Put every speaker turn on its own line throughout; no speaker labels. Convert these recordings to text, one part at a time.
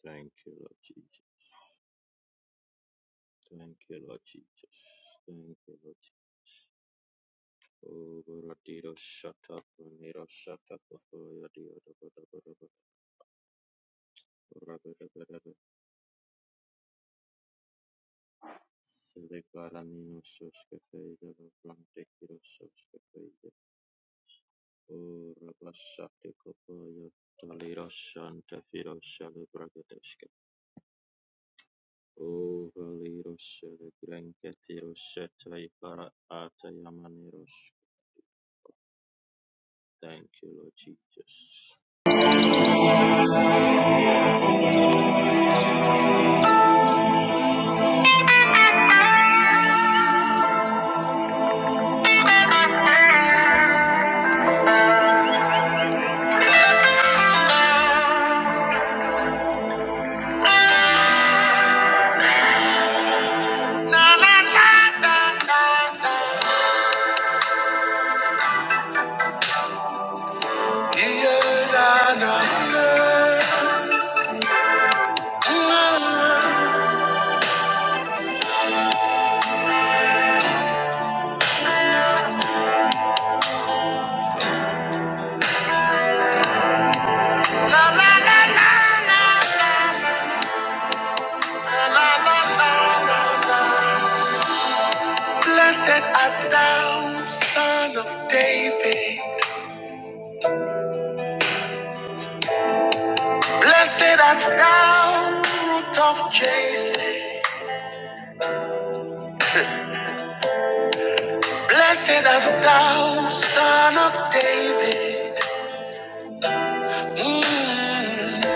Thank you, Lord Jesus. Thank you, Lord Jesus. Thank you, Lord Jesus. Oh, Baradiro, shut up, Nero, shut up, before your dear, rubber, Silicaranino, Soscafe, the Blantekiro, Soscafe, Oh, Rabashate, Copoyo, Taliro, Santa Firo, Shalabragadeshka, Oh, Valiro, Shalagrankatiro, Shetaicara, Atayamaniro. Thank you, Lord Jesus.
Blessed art thou, son of David. Blessed art thou, root of Jesse. Blessed art thou, son of David. Mm.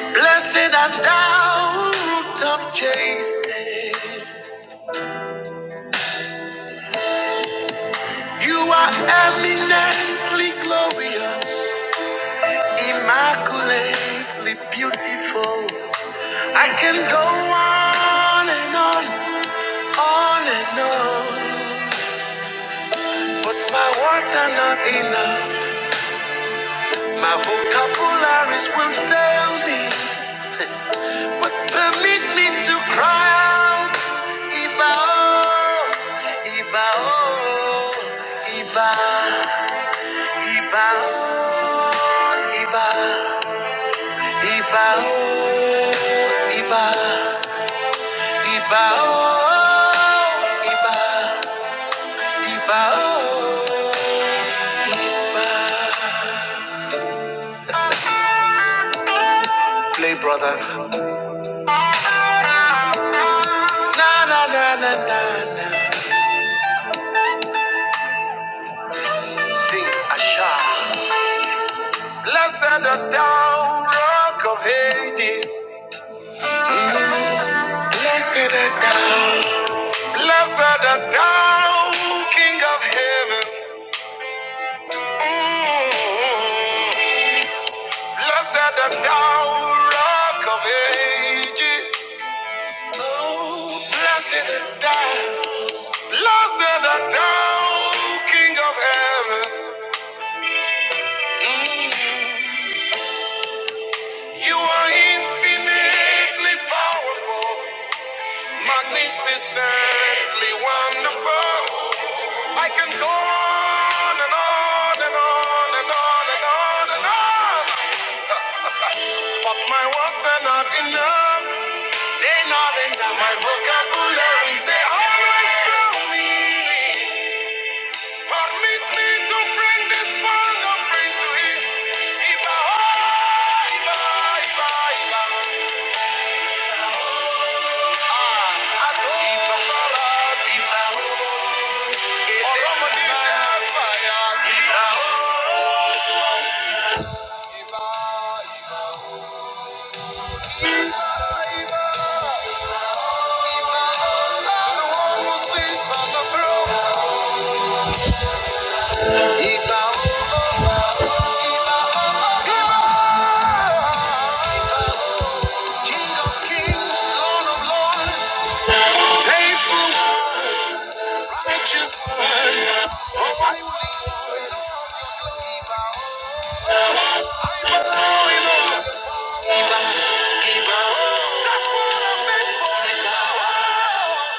Blessed art thou, root of Jesse. You are eminently glorious. Immaculately beautiful. I can go on and on, on and on. But my words are not enough. My vocabularies will fail me. But permit me to cry out. Iba, oh, Iba, oh, Iba, Iba, oh, Iba, Iba, oh, Iba. oh, oh, Play, brother. Na na na na na na. Sing Asha. Blessed art thou, rock of ages. Blessed art thou. Blessed art thou, King of heaven. Mm. Blessed art thou, rock of ages. Oh, blessed art thou, blessed art thou, King of heaven. Mm. You are infinitely powerful, magnificently wonderful. I can go on and on and on and on and on and on. But my words are not enough. They're not enough. My vocabularies, they always fail me. Permit me to bring this song and bring to him. Iba, oh, Iba, Iba, Iba. Ah, Ato, Bala, Iba, oh. Oromodisha, Iba, oh. Iba, Iba, Iba, Iba, Iba. To the one who sits on the throne. Iba, oh, Iba, oh, Iba. King of kings, Lord of lords. Faithful, righteous one. Oh, I believe Lord. That's what I'm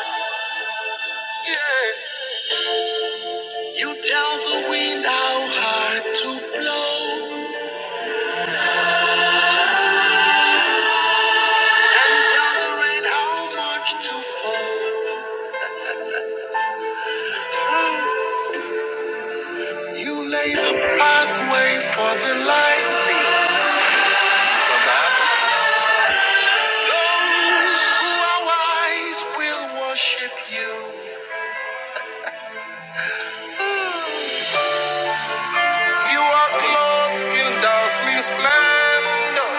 meant for. Yeah. You tell the wind how hard to blow, and tell the rain how much to fall. You lay the pathway for the lightning. Those who are wise will worship you. You are clothed in dazzling splendor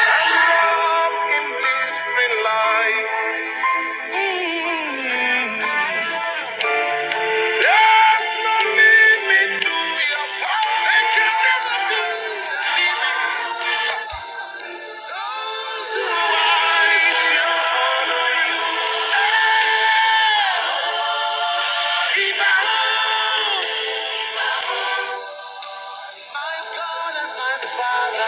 and wrapped in blistering light. Mm. There's no limit to your power. They can never be Those who rise to honor, you even. My God and my Father,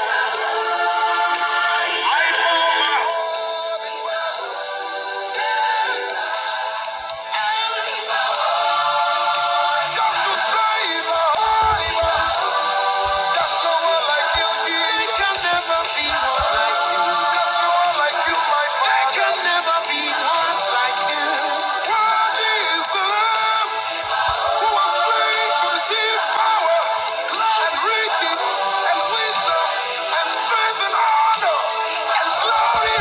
I pour my heart just to say, Iba, Iba. There's no one like you, Jesus. There can never be one like you. There's no one like you, my Father. There can never be one like you. Worthy the who was slain to receive power and riches and wisdom and strength and honor and glory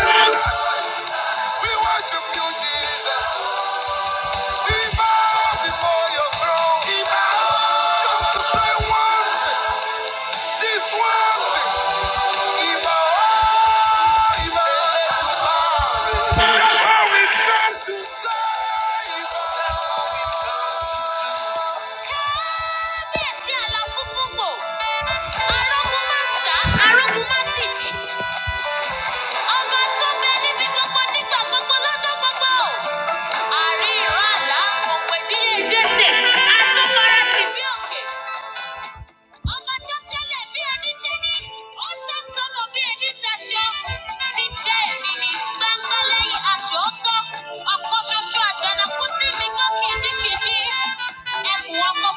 We worship you, Jesus. We bow before your throne. Just to say one thing, this one thing. Ibawa. Kábíyèsí Alábùfúnpò, arógun má sá, arógun má tìdí, ọba tó ń bẹ níbi gbogbo nígbà Àrí ìran àlá, òǹpẹ̀díyẹ Jésè, a tún fara tì bí òkè. Ọba tó tẹ́lẹ̀ bí ẹni tẹ́ni, ó tán sọ́mọ bí ẹni taṣọ. Jíjẹ́ èmi ni gbangba lẹ́yìn sí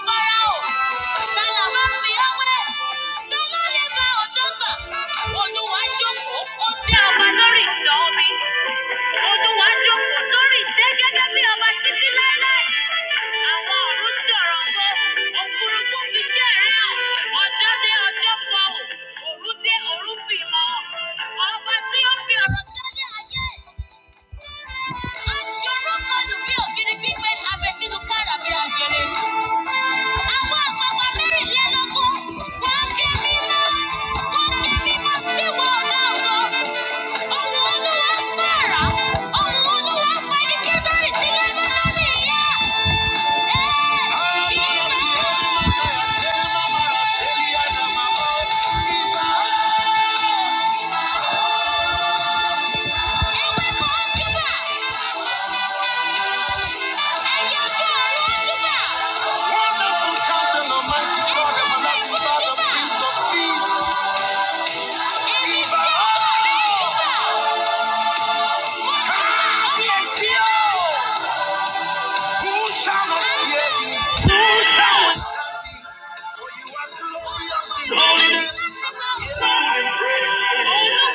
Fáráò, Tálà máa fi bá òjò Olúwa jókòó, ó jẹ́ ọba lórí ìṣọ́ omi. bí ọba títí láéláé. Àwọn ọ̀run sí ọ̀rọ̀ tó, òfurufú fi dé ọjọ́ fọhùn, òru dé òru fi mọ̀. Ọba tí ó fi ọ̀rọ̀ dálé ayé. Aṣọ́rọ́ kọlù bí ògiri gbígbẹ́ Àwọn àgbààgbà mẹ́rìnlélógún wọ́n ké mímọ́, wọ́n ké mímọ́ sí ìwọ ọ̀gá ògo. Ohùn Olúwa ń sọ àrá, ohùn Olúwa ń pa igi kébérì tí Lẹ́bánánì yá. Ẹ́ẹ̀, ewéko ojúbà, ẹyẹ ojú ọ̀run ojúbà, ewé ìwé ojúbà, ènìṣẹ́ olóore ojúbà. Ah, yes, Who shall not fear thee? Thou is standing, for you are glorious in holiness. And praise and honor.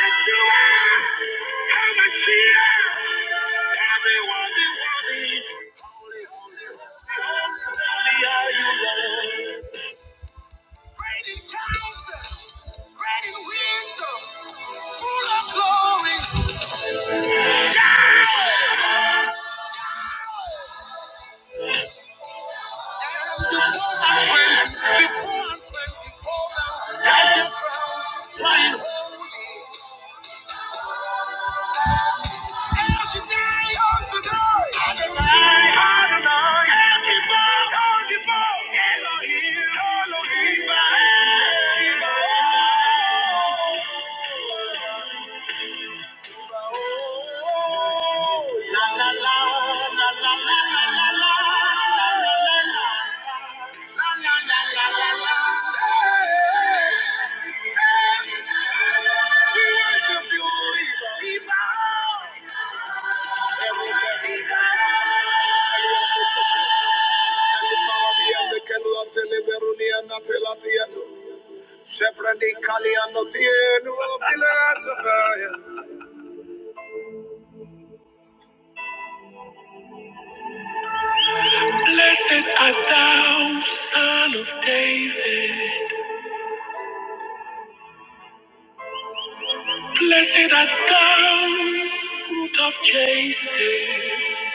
Yeshua, HaMashiach, everyone be worthy. Holy are you, Lord. Great in counsel, great in wisdom, full of glory. The four and twenty, the four and twenty-four now, cast your crowns, crying holy. El Shaddai, El Shaddai, Adonai, Adonai, El Gibor, El Gibor, Elohim, Elohim. La la la, la la la la la la, la la la la, la la la la la la. la. We worship you, Iba. Blessed art thou, son of David. Blessed art thou, root of Jesse.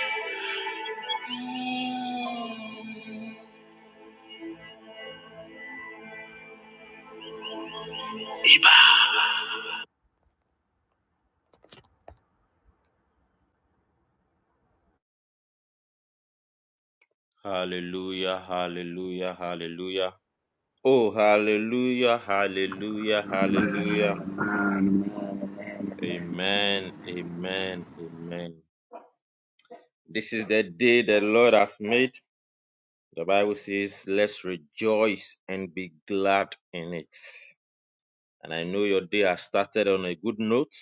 Hallelujah, hallelujah, hallelujah. Oh, hallelujah, hallelujah, hallelujah.
Amen.
Amen, amen, amen. This is the day the Lord has made. The Bible says, let's rejoice and be glad in it. And I know your day has started on a good note,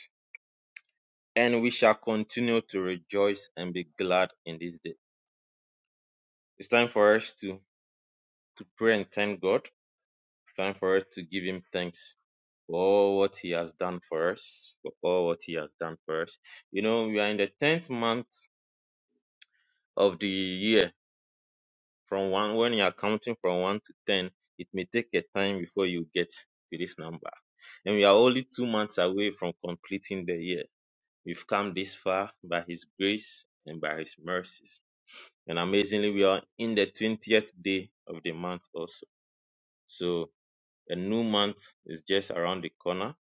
and we shall continue to rejoice and be glad in this day. It's time for us to, to pray and thank God. It's time for us to give Him thanks. for all what he has done for us, for all what he has done for us. You know, we are in the tenth month of the year. From one when you are counting from one to ten, it may take a time before you get to this number. And we are only two months away from completing the year. We've come this far by his grace and by his mercies. And amazingly, we are in the twentieth day of the month also. So a new month is just around the corner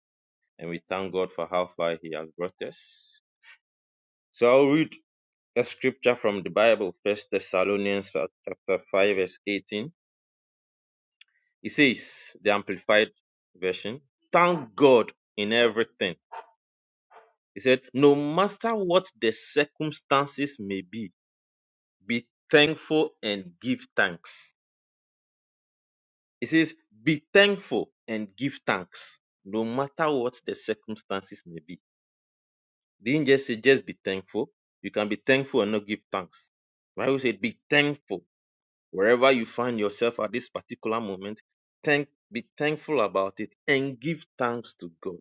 and we thank God for how far He has brought us. So I'll read a scripture from the Bible, First Thessalonians chapter 5, verse 18. It says, the amplified version, thank God in everything. He said, no matter what the circumstances may be, be thankful and give thanks. He says, be thankful and give thanks, no matter what the circumstances may be. Didn't just say just be thankful. You can be thankful and not give thanks. Bible said, be thankful Wherever you find yourself at this particular moment, thank be thankful about it and give thanks to God.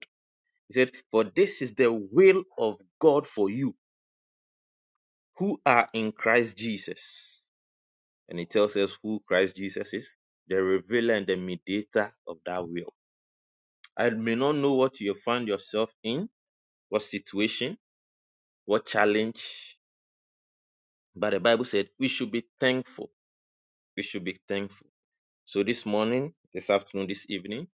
He said, For this is the will of God for you who are in Christ Jesus. And he tells us who Christ Jesus is, the revealer and the mediator of that will. I may not know what you find yourself in, what situation, what challenge, but the Bible said we should be thankful. We should be thankful. So this morning, this afternoon, this evening,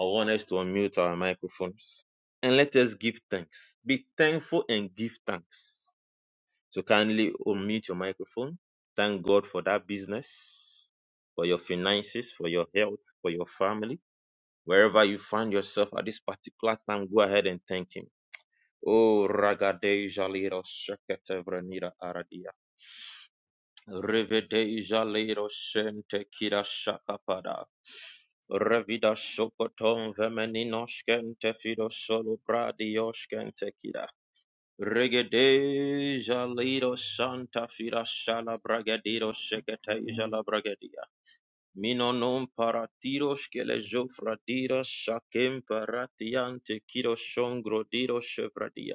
I want us to unmute our microphones and let us give thanks. Be thankful and give thanks. So kindly unmute your microphone. Thank God for that business, for your finances, for your health, for your family. Wherever you find yourself at this particular time, go ahead and thank Him. Oh, ragadeja lero shakete vrenira aradia. Revedeja lero shente kira shakapada. Revida shokoton vemeninoshken tefido solo bradioshken tekida. Regede jalido santa fida shala bragadido seketeja la bragadia. Mino non paratiros que le jofradiras shakem paratiante kido shongro dido chevradia.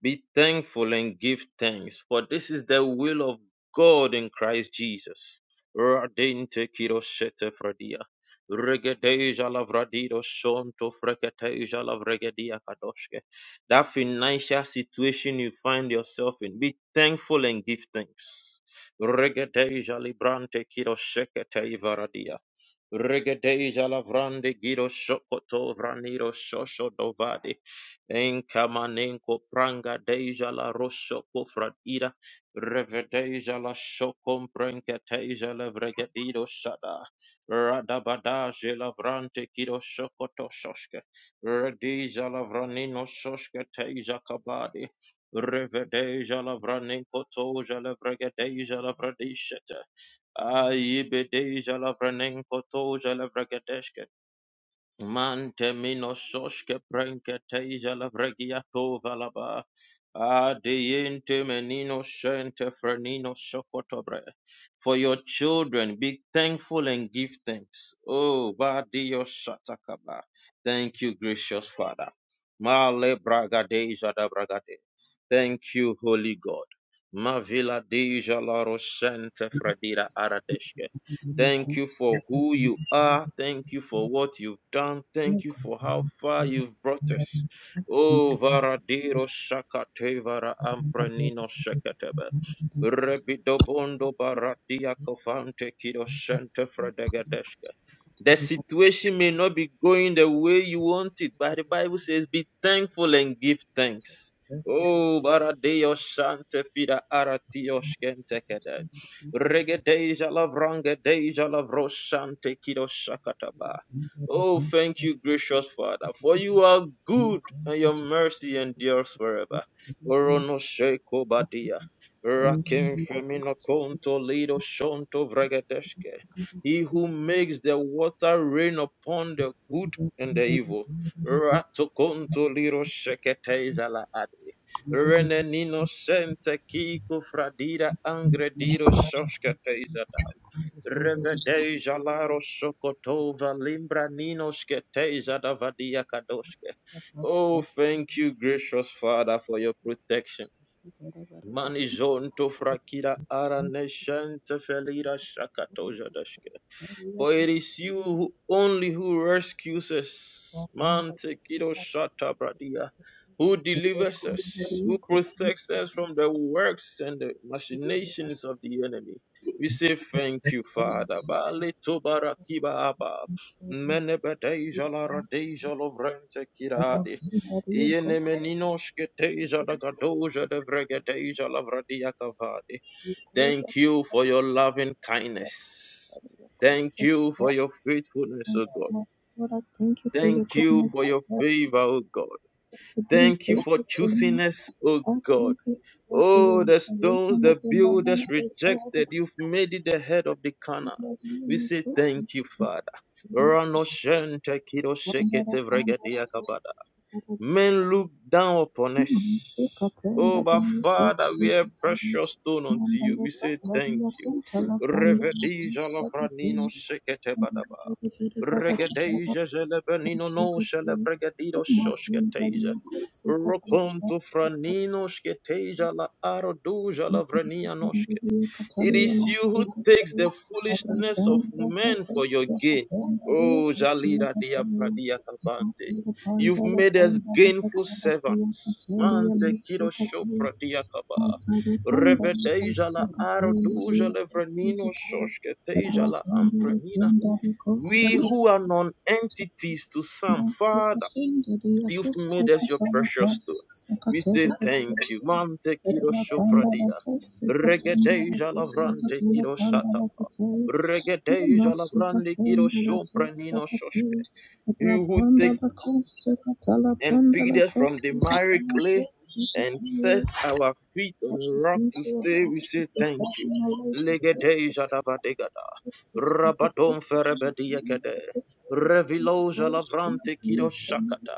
Be thankful and give thanks, for this is the will of God in Christ Jesus. Radinte kiro shete fradia. Regedeja lavradido shonto freketeja lavregedia kadoshke. That financial situation you find yourself in, be thankful and give thanks. Regedeja librante kiro shekete ivaradia. Regadeja lavrande giro shokoto vraniro shosho dovade. Enkamanenko pranga deja la rosho kofradira. Revedeja la shokom prenkateja la vregadido shada. Radabadaje lavrante giro shokoto shoshke. Redeja lavranino shoshke teja kabadi. Revedeja lavranenko toja la vregadeja la vredishete. Aibede jalavranen koto jalavragadeshke. Mante minoshoshke prenkete jalavragiato valaba. Adiente menino shente frenino shokotobre. For your children, be thankful and give thanks. Oh, badio shatakaba. Thank you, gracious Father. Male bragade jadabragade. Thank you, Holy God. Mavila deja la roshente fradira aradeshke. Thank you for who you are. Thank you for what you've done. Thank you for how far you've brought us. Oh, Varadiro Shakate Vara Ampranino Shakateba. Rebidobondo Baradia Kofante Kido Shante Fredegadeshka. The situation may not be going the way you want it, but the Bible says, be thankful and give thanks. Oh, Baradeo Shante Fida Aratio Shkentekede. Regedeja lavranga deja lavroshante Oh, thank you, gracious Father, for you are good and your mercy endures forever. Orono badia. Rakim femino konto lido shonto vregedeske. He who makes the water rain upon the good and the evil. Rato konto lido sheketezala ade. Renenino sente kiko fradira angrediro shosketezada. Revedeja laro sokotova limbra sketezada vadia kadoske. Oh, thank you, gracious Father, for your protection. Manizonto frakira ara neshente felira shakatoja for it is you who, only who rescues us. Mantekido shata bradia. Who delivers us, who protects us from the works and the machinations of the enemy. We say thank you, Father. Bale tobara kiba aba. Mene bedeja la radeja lo vrente kirade. Iene meninoshke teja da gadoja de vregedeja la vradia kavade. Thank you for your loving kindness. Thank you for your faithfulness, O God. Thank you for your favor, O God. Thank you for choosing us, O God. Oh, the stones the builders rejected, you've made it the head of the corner. We say thank you, Father. Rano shente kido shekete vregedia kabada. Men look down upon us. Oh, but Father, we are precious stone unto you. We say thank you. Revedija la pranino shekete badaba. Regedeja jelebenino no shelebregedido shoshketeja. Rokom tu franino shketeja la aroduja la vrenia noske. It is you who takes the foolishness of men for your gain. Oh, Jalira dia pradia kabante. You've made us gainful servants. Mante kiro sho pradia kaba. Revedeja la aro duja le vrenino shoshke teja la amprenina. We who are non-entities to some, Father. You've made us your precious stone. We say thank you. Mante kiro shofradia. Regedeja lavrante kiro shata. Regedeja lavrante kiro shopranino shoshke. You who take and picked us from the miry clay and set our feet on a rock to stay, we say thank you. Legedeja davadegada. Rabadon ferebediakade. Reviloja lavrante kiro shakata.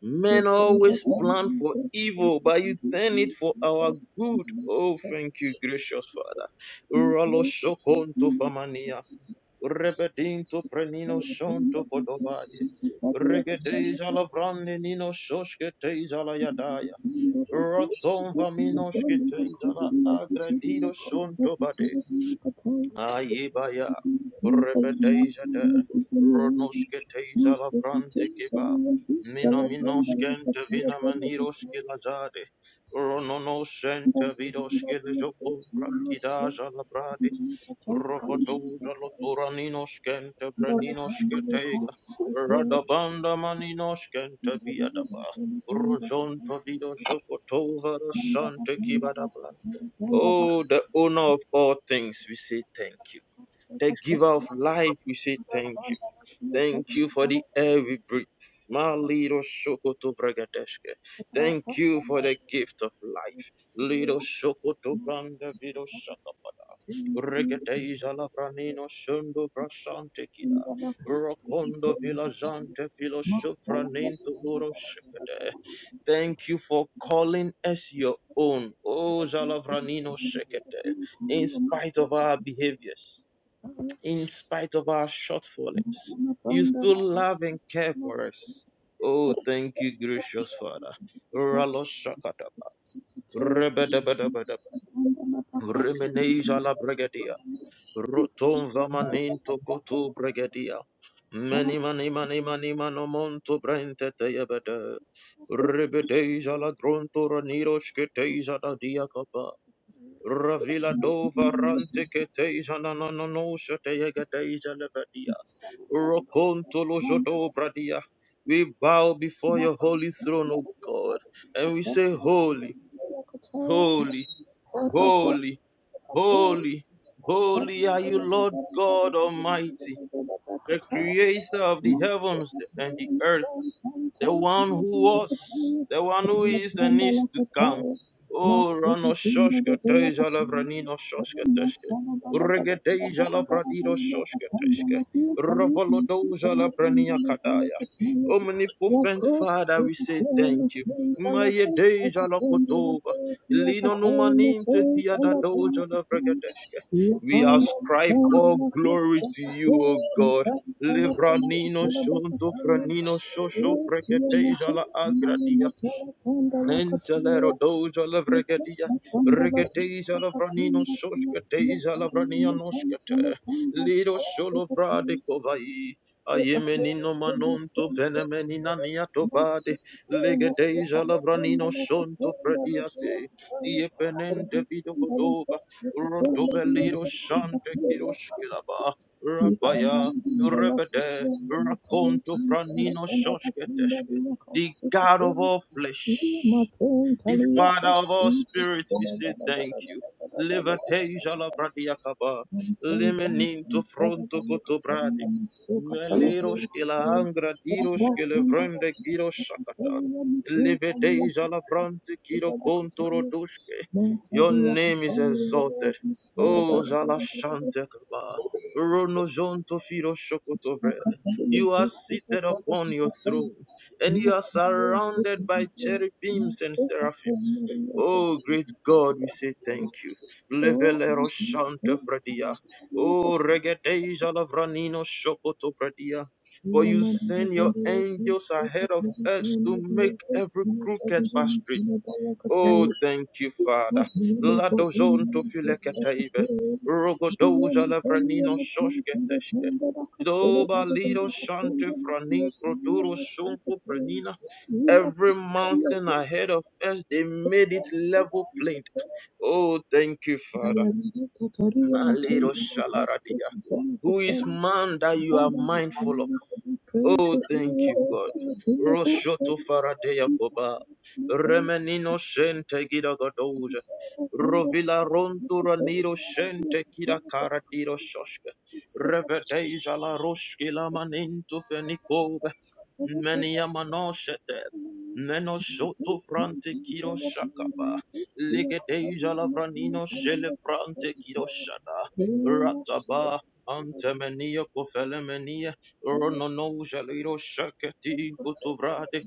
Men always plan for evil, but you turn it for our good. Oh, thank you, gracious Father. Ralo shokonto famania, rebedinto prenino shonto kodobaye, regedeja la brande nino shosketeja la yadaya, roton vaminoshketeja la agredido shonto bade. Ayibaya Repeteja Ronoske Teja Lavrante Kiba Minominoskente Vinamaniroski Lazade Rononosente Vidoske Joko Prakidaja Labrade Robodoja Lotoraninoskente Braninoske Tega Radabanda Maninoskente Viadaba Rojonto Vido Jokotova Rasante Kibadaba Oh, the owner of all things, we say thank you the giver of life, we say thank you. Thank you for the air we breathe. Malido shokoto Thank you for the gift of life. Lido shokoto branda vido shakapada. Regate jala shundo brashante kida. Rokondo vila jante vilo shofranento loro shekete. Thank you for calling us your own. Oh, Jalavranino Shekete. In spite of our behaviors, in spite of our shortfalls. You still love and care for us. Oh, thank you, gracious Father. Raloshakataba, rebedebedebedebe, remeneja la bregedia, rotom vamaninto kotu bregedia, many many many many manomonto brente teyebede, rebedeja la gronto ranirosh keteja da diakaba, ravila dova rante keteja na no no no sheteyegedeja Rokontolojodobradia. We bow before your holy throne, O God, and we say, Holy, holy, holy, holy, holy are you, Lord God Almighty the creator of the heavens and the earth, the one who was, the one who is and is to come. Oh, Rano Shoshka Teja Lavranino Shoshka Teshke, Regedeja Lavradino Shoshka Teshke, Ravolodoja Lavrania Kadaya. Omnipotent Father, we say thank you. Maye Deja Lakotova, Lino Numaninte Tiada Doja Lavragadeshke. We ascribe all glory to you, O God. Livranino shunto franino shosho fregeteja la agradia. Entelero doja la vregedia. Regeteja la franino shoshketeja la vrania Lido sholo brade kovai. Ayemenino manonto fenomenina niato bade. Legedeja labranino shonto prediate. Iepenente vido godova. Roto velido shante kiroshkilaba. Rabaya. Rebede. Raconto franino shoshketeshke. The God of all flesh. The Father of all spirits, we say thank you. Levateja la of Bradiakaba. Limenim to fronto koto cotobradi. Meleros ke la angra diros ke le vrende kiro shakatan. Libertation la brante kiro contoro duske. Your name is exalted. Oh, Zala Shantakaba. Ronozonto Firo Shokotobre. You are seated upon your throne and you are surrounded by cherubims and seraphims. Oh, great God, we say thank you. Levelero shante fradia. Oh, regedeja lavranino shokoto fradia. For you send your angels ahead of us to make every crooked path straight. Oh, thank you, Father. Ladozon to filekateve. Rogodoza lavranino sosketeshke. Doba lido shante franinkro duro sunko pranina. Every mountain ahead of us, they made it level plain. Oh, thank you, Father. Malido shalaradia. Who is man that you are mindful of? Oh, thank you, God. Roshoto Faradea Koba. Remenino Shente Gida Godoja. Rovila Rontura Niro Shente Kida Karadiro Shoshka. Revedeja la Roshki la Manintu Fenikobe. Menia Manoshete. Meno Shoto Frante Kiro Shakaba. Ligedeja la Vranino Shele Frante Kiro Shada. Rataba. Antemenia Kofelemenia. Ronono jaliro shaketi kutubrade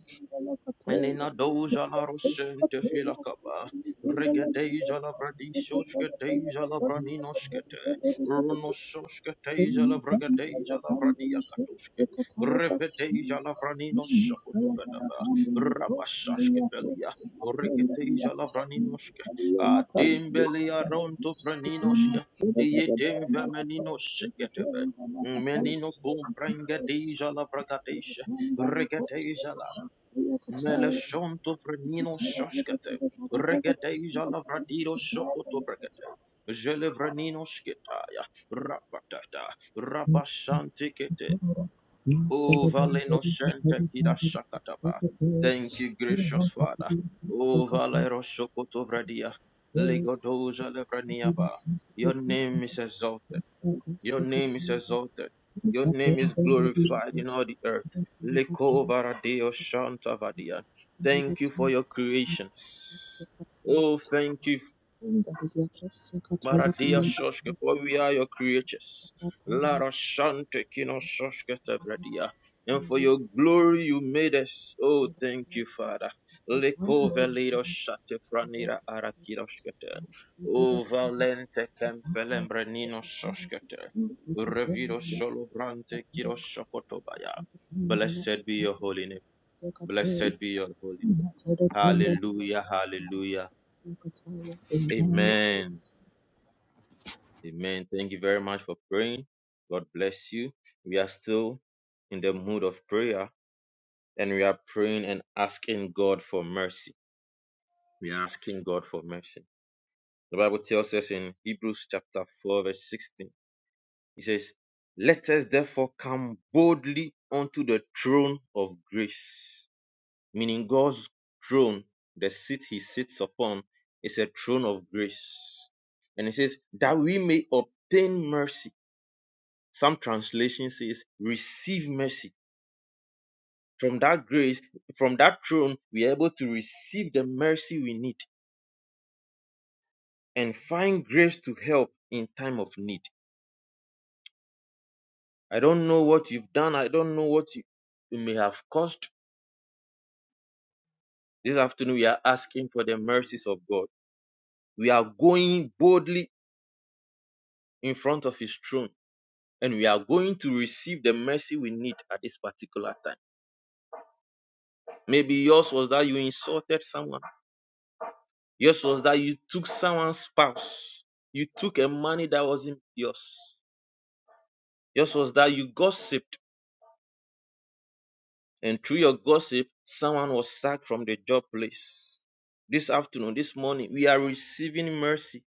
Menina doja la rosente fila kaba. Regedeja la bradisoske deja la braninoskete. Runososke deja la vregadeja la vradia katoske. Revedeja la vraninoshakutu fedaba. Rabasaske pelia. Regedeja la vraninoske. Adimbelia ronto braninoske. Yedim vemeninosketebe. Menino cum prengedeja la vragadesha. Meleshonto Vrenino Shoshkate, Regadeja Lavradido Shokoto Bregate, Gelevranino Shkitaya, Rapatata, Rabashantikete, O Valeno Shente Kida Shakataba. Thank you, gracious Father. O Valero Shokoto Vradia, Ligodoja Levraniaba. Your name is exalted. Your name is exalted. Your name is glorified in all the earth. Lekovaradeo Shantavadia. Thank you for your creations. Oh, thank you Maradia Shoshka, for we are your creatures. Lara Shante Kino Shoshka Tevradia. And for your glory you made us. Oh, thank you, Father. Leko Velido Shate Franira arakiroshkete. Oh, Valente Kemfelembrenino Shoshkete. Revido Solobrante Kiro Shokotobaya. Blessed be your holy name. Blessed be your holy name. Hallelujah, hallelujah. Amen. Amen. Thank you very much for praying. God bless you. We are still in the mood of prayer and we are praying and asking God for mercy. We are asking God for mercy. The Bible tells us in Hebrews chapter 4, verse 16, it says, Let us therefore come boldly unto the throne of grace, meaning God's throne, the seat he sits upon, is a throne of grace. And it says, That we may obtain mercy Some translation says, receive mercy. From that grace, from that throne, we are able to receive the mercy we need and find grace to help in time of need. I don't know what you've done. I don't know what you, you may have caused. This afternoon, we are asking for the mercies of God. We are going boldly in front of His throne and we are going to receive the mercy we need at this particular time. Maybe yours was that you insulted someone. Yours was that you took someone's spouse. You took a money that wasn't yours. Yours was that you gossiped, and through your gossip, someone was sacked from the job place. This afternoon, this morning, we are receiving mercy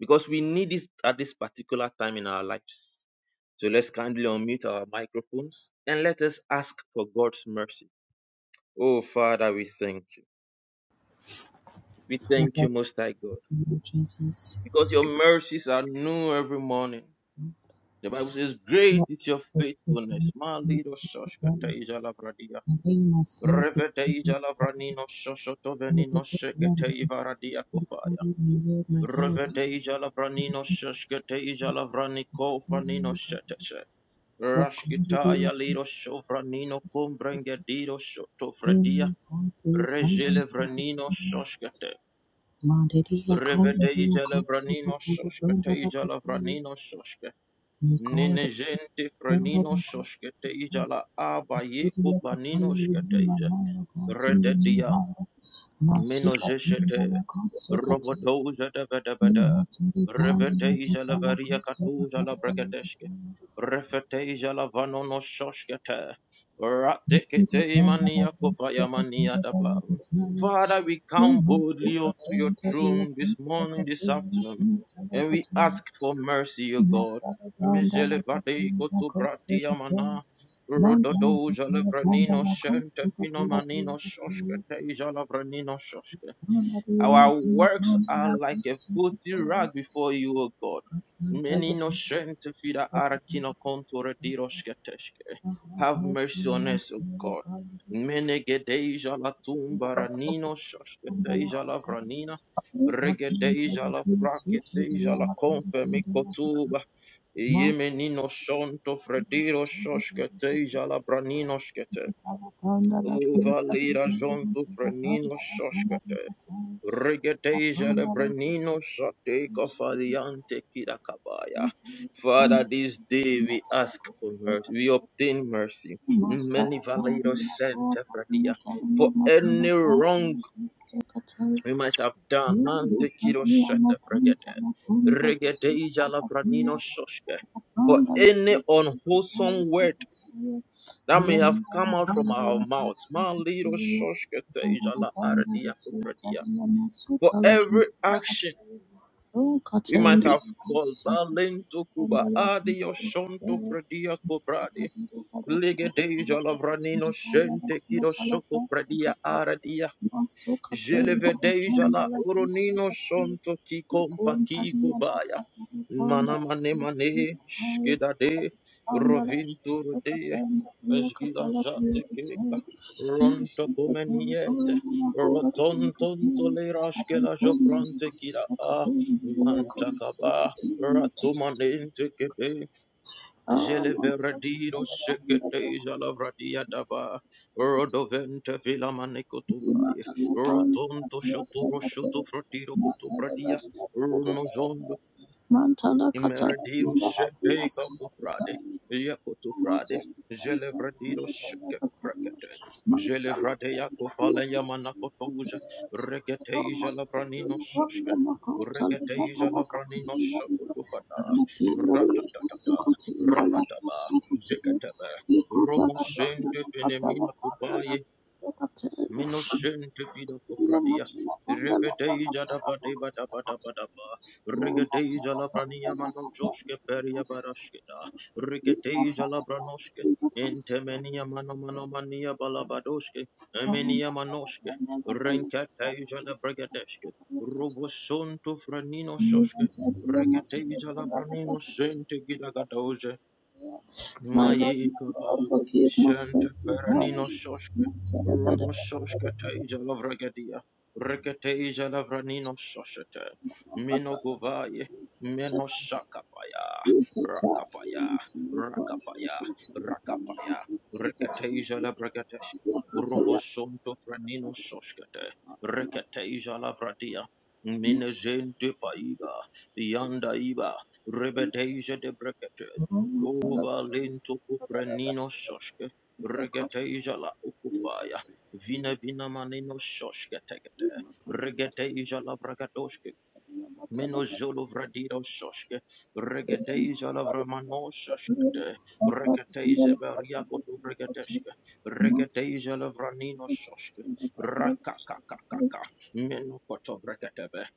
because we need it at this particular time in our lives. So let's kindly unmute our microphones and let us ask for God's mercy. Oh, Father, we thank you. We thank you, Most High God, because your mercies are new every morning. The Bible says, Great is your faithfulness. Malido shoshkateiza lavradia. Revedeja lavranino shoshotovenino sheketeiva radia kofaya. Revedeja lavranino shoshkateiza lavraniko fanino sheteshe. Rashkitaya lido shovranino kumbrengedido shotofradia. Regele vranino shoshkate. Revedeja lavranino shoshkateiza lavranino shoshke. Nine gente prenino soskete ija la aba ye kupanino skete ija. Rededia Menozeshete, Robodoza da Bada Bada, Reveteja la Varia Catuja la Bregadeske, Refeteja la Vanono Shoshkete, Ratekete Mania Kopaya Mania Daba. Father, we come boldly up to your throne this morning, this afternoon, and we ask for mercy, O God. Mizele Vadei Kotu Bratia Rododoja Lavranino Shanta Finomanino Shoshka Teja Lavranino Shoshka our works are like a filthy rag before you, O God. Many no shame to feed our kino contour diroshketeshke. Have mercy on us, O God. Mene gedeja la tumba nino shashketeja la vranina. Regedeja la fraketeja la confirme kotuba. Yemenino shonto frediro shoshketeja la branino shkete. Uvalira jonto frenino shoshkete. Regedeja lebrenino shate kofaliante kirakabaya. Father, this day we ask for mercy, we obtain mercy. Many valeros sente fradia. for any wrong we might have done. Mante kiro shate fregete. Regedeja lebrenino shoshke. For any unwholesome word that may have come out from our mouths. Man liro shoshke teja la ardia kutradia. For every action We might have called Balento Cuba Adio Shonto Fredia Cobradi. Ligedeja Lavranino Shente Kido Shoko Predia Aradia Jelevedeja la Oronino Shonto Kikompa Kiko Baya. Mana mane mane shkida de rovinto de esgida jate keka ronto kumeniete roton tonto le raskela joprante kira a manta kaba ratumanente kebe. Jeleveradido shekete jalavradia dava rodovente filamane kutuvai rotonto shoturo shotu frotiro urnozondo. Imeradiro shepeka kufrade, yakutu frade, jelevradiro shekem brakete, jelevrade yakufale yamanakotoja, regeteja lavranino shashke, regeteja lavranino shakutufada, ratatata, rabataba, zekataba, romosente fenemina kupaye, Minoshen te pido kofradia. Repetei jada pate bata bata bata ba. Rigetei jala prania mano joshke peria barashkeda. Rigetei jala branoshke. Intemenia mano mano mania balabadoshke. Emenia manoshke. Renkatei jala brigadeshke. Rovoson to franino shoshke. Rigetei jala branino shente gidagadoje. Maikaba Shanta Peranino Shoshke Rono Shoshke Teja Lavragedia Reketeja Lavranino Shoshete Mino Guvaye Meno Shakapaya Rakapaya Rakapaya Rakapaya Reketeja Lavragedesh Rovosonto Pranino Shoshkete Reketeja Lavradia Minezente Paiga Yanda Iba Rebedeja de Brekete Uva lento kuprenino shoshke, regeteja la ukufaya, vine vina manino shoshke tegete, regeteja la bragadoshke, meno jolo vradiro shoshke, regeteja la vramano shoshke te, regeteja beriako tu bregadeshke, regeteja la vranino shoshke, rakakakakaka, meno koto bregatebe,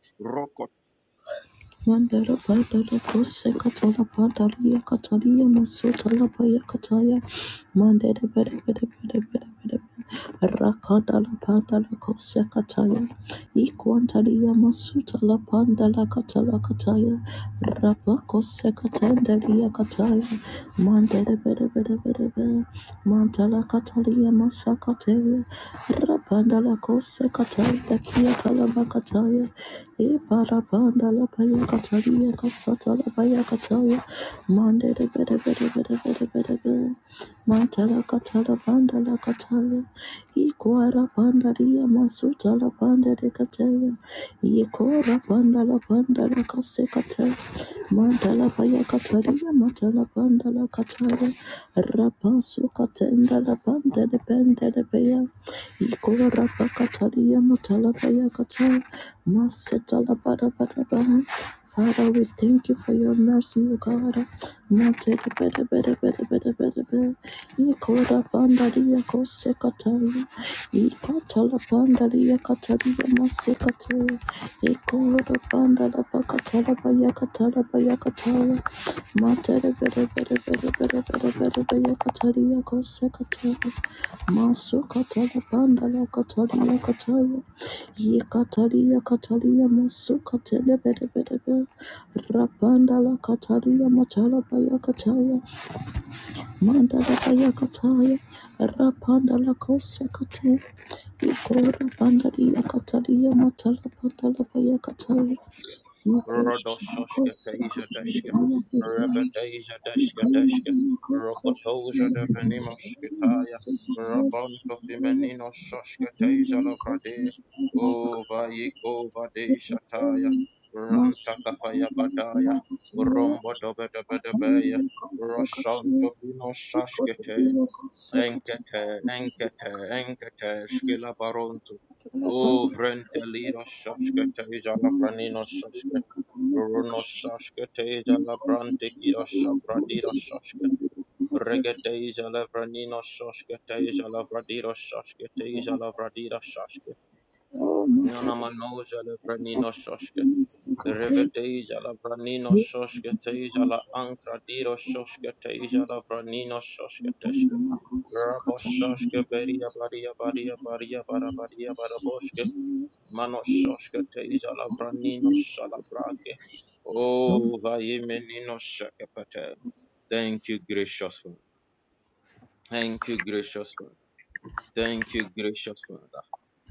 Dashka, Rodoshka Tasia Dashka, Rebetasia Dashka Dashka, Rokotosia de Venimoskitaya, Rabonto Fimenino Shoshka Tasia Lavrade, O Vaiko Vade Shataya, Rantakafaya Badaya, Rombo Dobedabedabaya, Roshonto Fino Shashkete, Enkete, enkete, enkete, shkila baronto. O vrente lira shashkete jala branino shashke. Runo shashkete jala brante kira shabradira shashke. Regete jala branino shashkete jala vradira shashkete jala vradira shashke. Nana mano jala branino shashke. Revete jala branino shashkete jala ankradiro shashkete jala branino shashkete. Raboshashka beria baria baria baria bara baria bara manoshashka teja lavranino shalabrake. Oh, vayemenino shakapate. Thank you, gracious Father. Thank you, gracious Father. Thank you, gracious Father.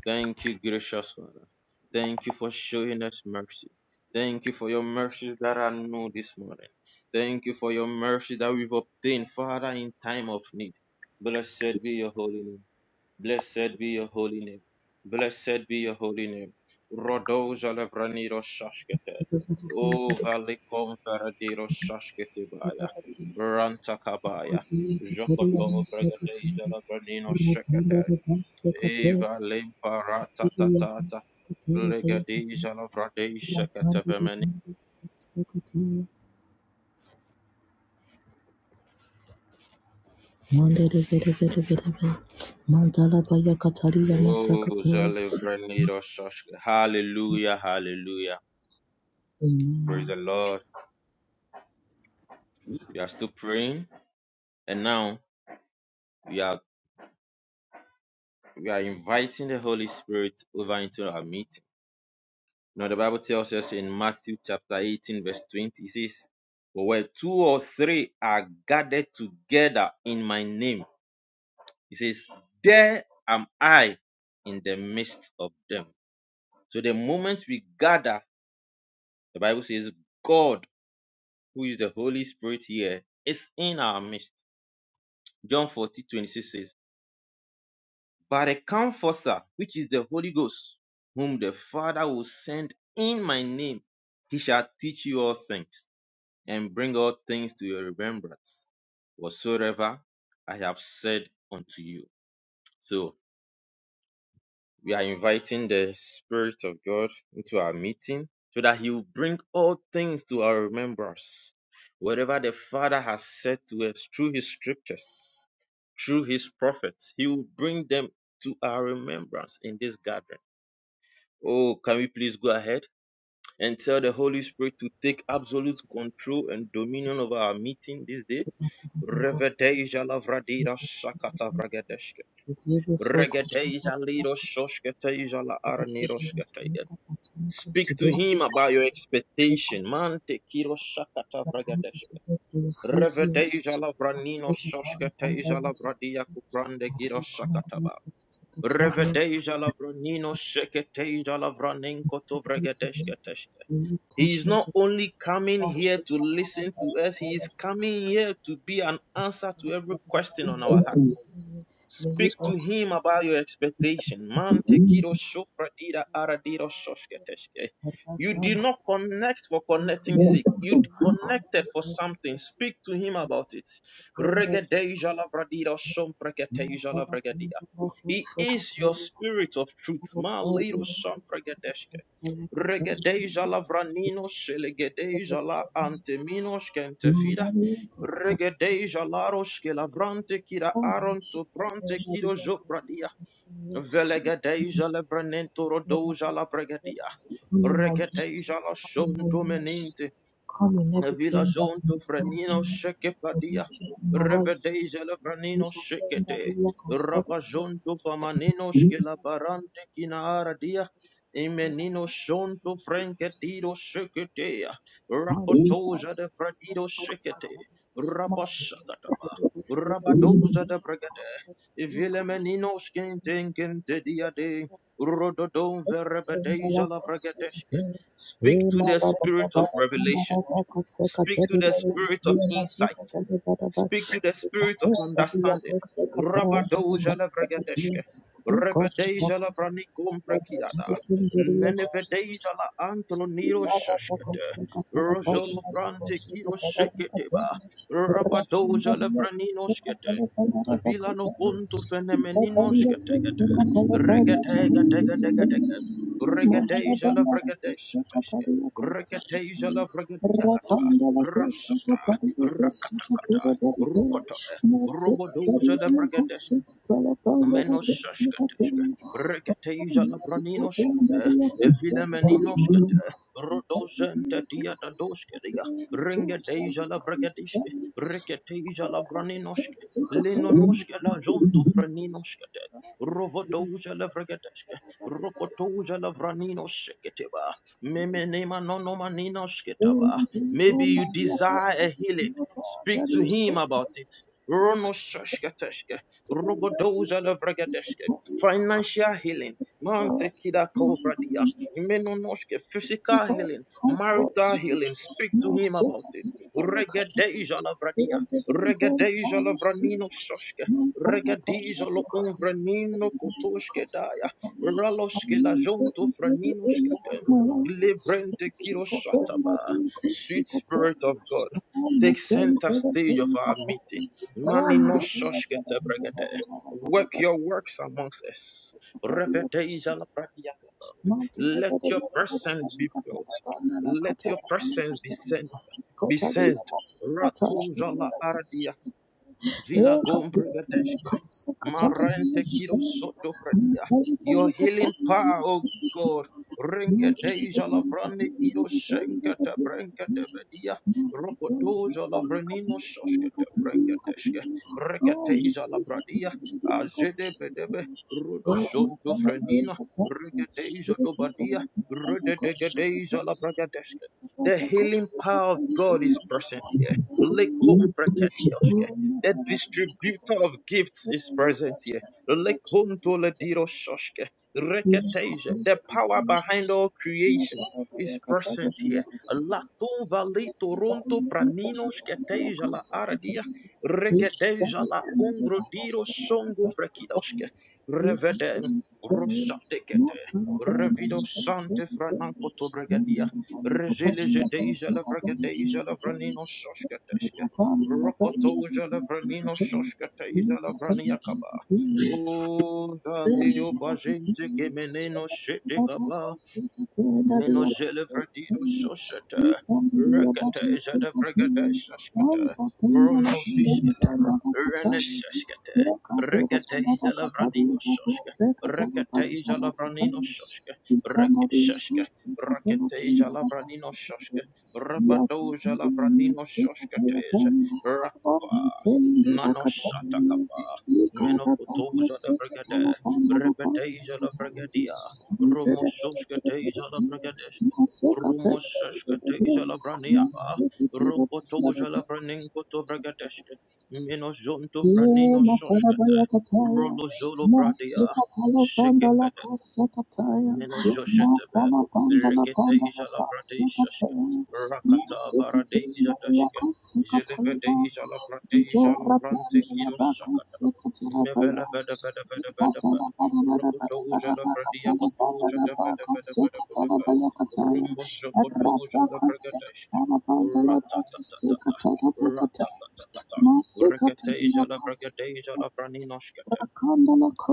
Thank you, gracious Father. Thank you for showing us mercy. Thank you for your mercies that are new this morning. Thank you for your mercy that we've obtained, Father, in time of need. Blessed be your holy name. Blessed be your holy name. Blessed be your holy name. Rodoja levraniros shashkete. O valikom feradiros shashkete baya. Rantakabaya. Jokoto vregadeja levranino shekete. Eva limparata tatata. Legadeja levrade shekete vemeni. O zelevraniros shashke. Hallelujah, hallelujah. Praise the Lord. We are still praying. And now, we are. we are inviting the Holy Spirit over into our meeting. Now, the Bible tells us in Matthew chapter 18, verse 20, it says, "But where two or three are gathered together in my name, it says, There am I in the midst of them. So, the moment we gather, the Bible says, God, who is the Holy Spirit here, is in our midst. John 40, says, But a comforter, which is the Holy Ghost, whom the Father will send in my name, he shall teach you all things and bring all things to your remembrance, whatsoever I have said unto you. So we are inviting the Spirit of God into our meeting so that He will bring all things to our remembrance. Whatever the Father has said to us through His scriptures, through His prophets, He will bring them to our remembrance in this gathering. Oh, can we please go ahead and tell the Holy Spirit to take absolute control and dominion of our meeting this day? Regedeja liro shosketeja la arnirosketeja. Speak to him about your expectation. Mante kiro shakata vragadeshke. Revedeja la vranino shosketeja la vradia kuprande giro shakataba. Revedeja la vranino sheketeja la vranenko to vragadeshketeshke. He is not only coming here to listen to us, he is coming here to be an answer to every question on our heart. Speak to him about your expectation. Man, tekido shofra dida aradido shoshketeshke. You did not connect for connecting sake. You connected for something. Speak to him about it. Regedeja lavradida shompreketeijalabregedia. He is your spirit of truth. Ma lido shompregedeshke. Regedeja lavranino elegedeja la anteminos kentefida. Regedeja laros ke lavrante kira aron to prante kiro jopradia. Velegedeja lebranento rodoja la bregadia. Regedeja la shonto Villa Zonto Frenino Shekepadia Revedeja Lavranino Shekete Ravazonto Famanino Skelabarante Kinaradia Imenino Shonto Franketido Sheketea Rakotoja de Fradido Shekete Rabashakataba Rabadoza de Brigade Vilemenino Skintenkente Diade Rododon Verebedeja Lavragadeshke Speak to the spirit of revelation Speak to the spirit of insight. Speak to the spirit of understanding. Rabadoja la bragadeshke. Rebedeja la branikum prekiada. Nenevedeja la antroniro shashkete. Rojolo brante kiro sheketeba. Rabadoja la braninoshkete. Vila no punto fenemeninoshkete. Regategategategatega. Regateja la bregadeshatash. Regateja la bregadiakata. Rasata. Rakatakata. Rokotobe. Robodoza la Menoshashkateshka, Reketeja Labraninoshkate, Evilemeninoshkate, Rodozenta Diatadoskeria, Ringadeja Lavrakadishke, Reketeja Labraninoshke, Linonoshke La Jonto Franinoshkate, Rovodoja Lavrakadeshke, Rokotoja Lavraninoshketeba, Memenema Nonomaninoshketaba. Maybe you desire a healing. Speak to him about it. Ronoshashkateshke, Rogodoza Lavragadeshke, financial healing, Mante Kida Kobradia, Imenonoshke, physical healing, marital healing. Speak to him about it. Regadeja Lavradia, Regadeja Lavranino Shoshke, Regadeja Lo Umbranino Kotoshke Daya, Raloshke La Jonto Franino Shkatem, Librente Kiro Shataba. Sweet Spirit of God, take center stage of our meeting Mani no shoshkete bregede. Work your works amongst us. Revedeja la pradiakaba. Let your presence be felt. Let your presence be sent. Be sensed. Ratuja la ardia. Vila gombre Marante kilo soto fradia. Your healing power, oh God. Ringa deja lavrani ido senkata brenkata bedia. Rokotoza lavrenino soskata brenkateske. Reketeja labradia. Azede bedebe. Rudo sonto frenina. Reketeja dobadia. Rededegedeja labragadeske. The healing power of God is present here. Lekom brekatioske. The distributor of gifts is present here. Lekonto lediro shoshke. Reketeja. The power behind all creation is present here. Lato vale toronto pranino sketeja la aradia. Regedeja la ongro diro songo vrekidoske. Reveden. Rosatekete. Revido sante frananko to bregadia. Rezele jedeja la bregadeja la vranino shoshketeske. Rokotoja Lavranino Shoshkateja Lavrania Kaba. O Valeo Bajente Kemeneno Shetekaba. Menozele Vradido Sosata, Rakata Zada Bragada Saskata, Rono Fiskate, Renesaskate, Regate Izala Vradio Soska, Rakata Izala Branino Soska, Rakasaska, Rakata Izala Branino Soska, Rapato Zala Branino Soska Teza, Rakupa, Manosataka. Menopotoza de Brigade, Repeteza de Brigadia, Rumososka teja la bragadeska. Rumososka teja la braniaba. Ronko toja la branenko to bragadeska. Meno zonto franino soska. Rolo zolo bradia. Menozhoshetebe, Reketeja Labradeshashke, Rakata Baradeja Dashke, Jelevedeja Labradeja Labrante Kilo Shakata, Mevela Veda Veda Veda Veda Veda, Rokotoja Labradia Kotoja da Veda Veda Veda Veda Veda, Rumboja Kotoja Labragadeshke, Ratatatata, Ratatatata, Reketeja Labradeja Labraninoshke,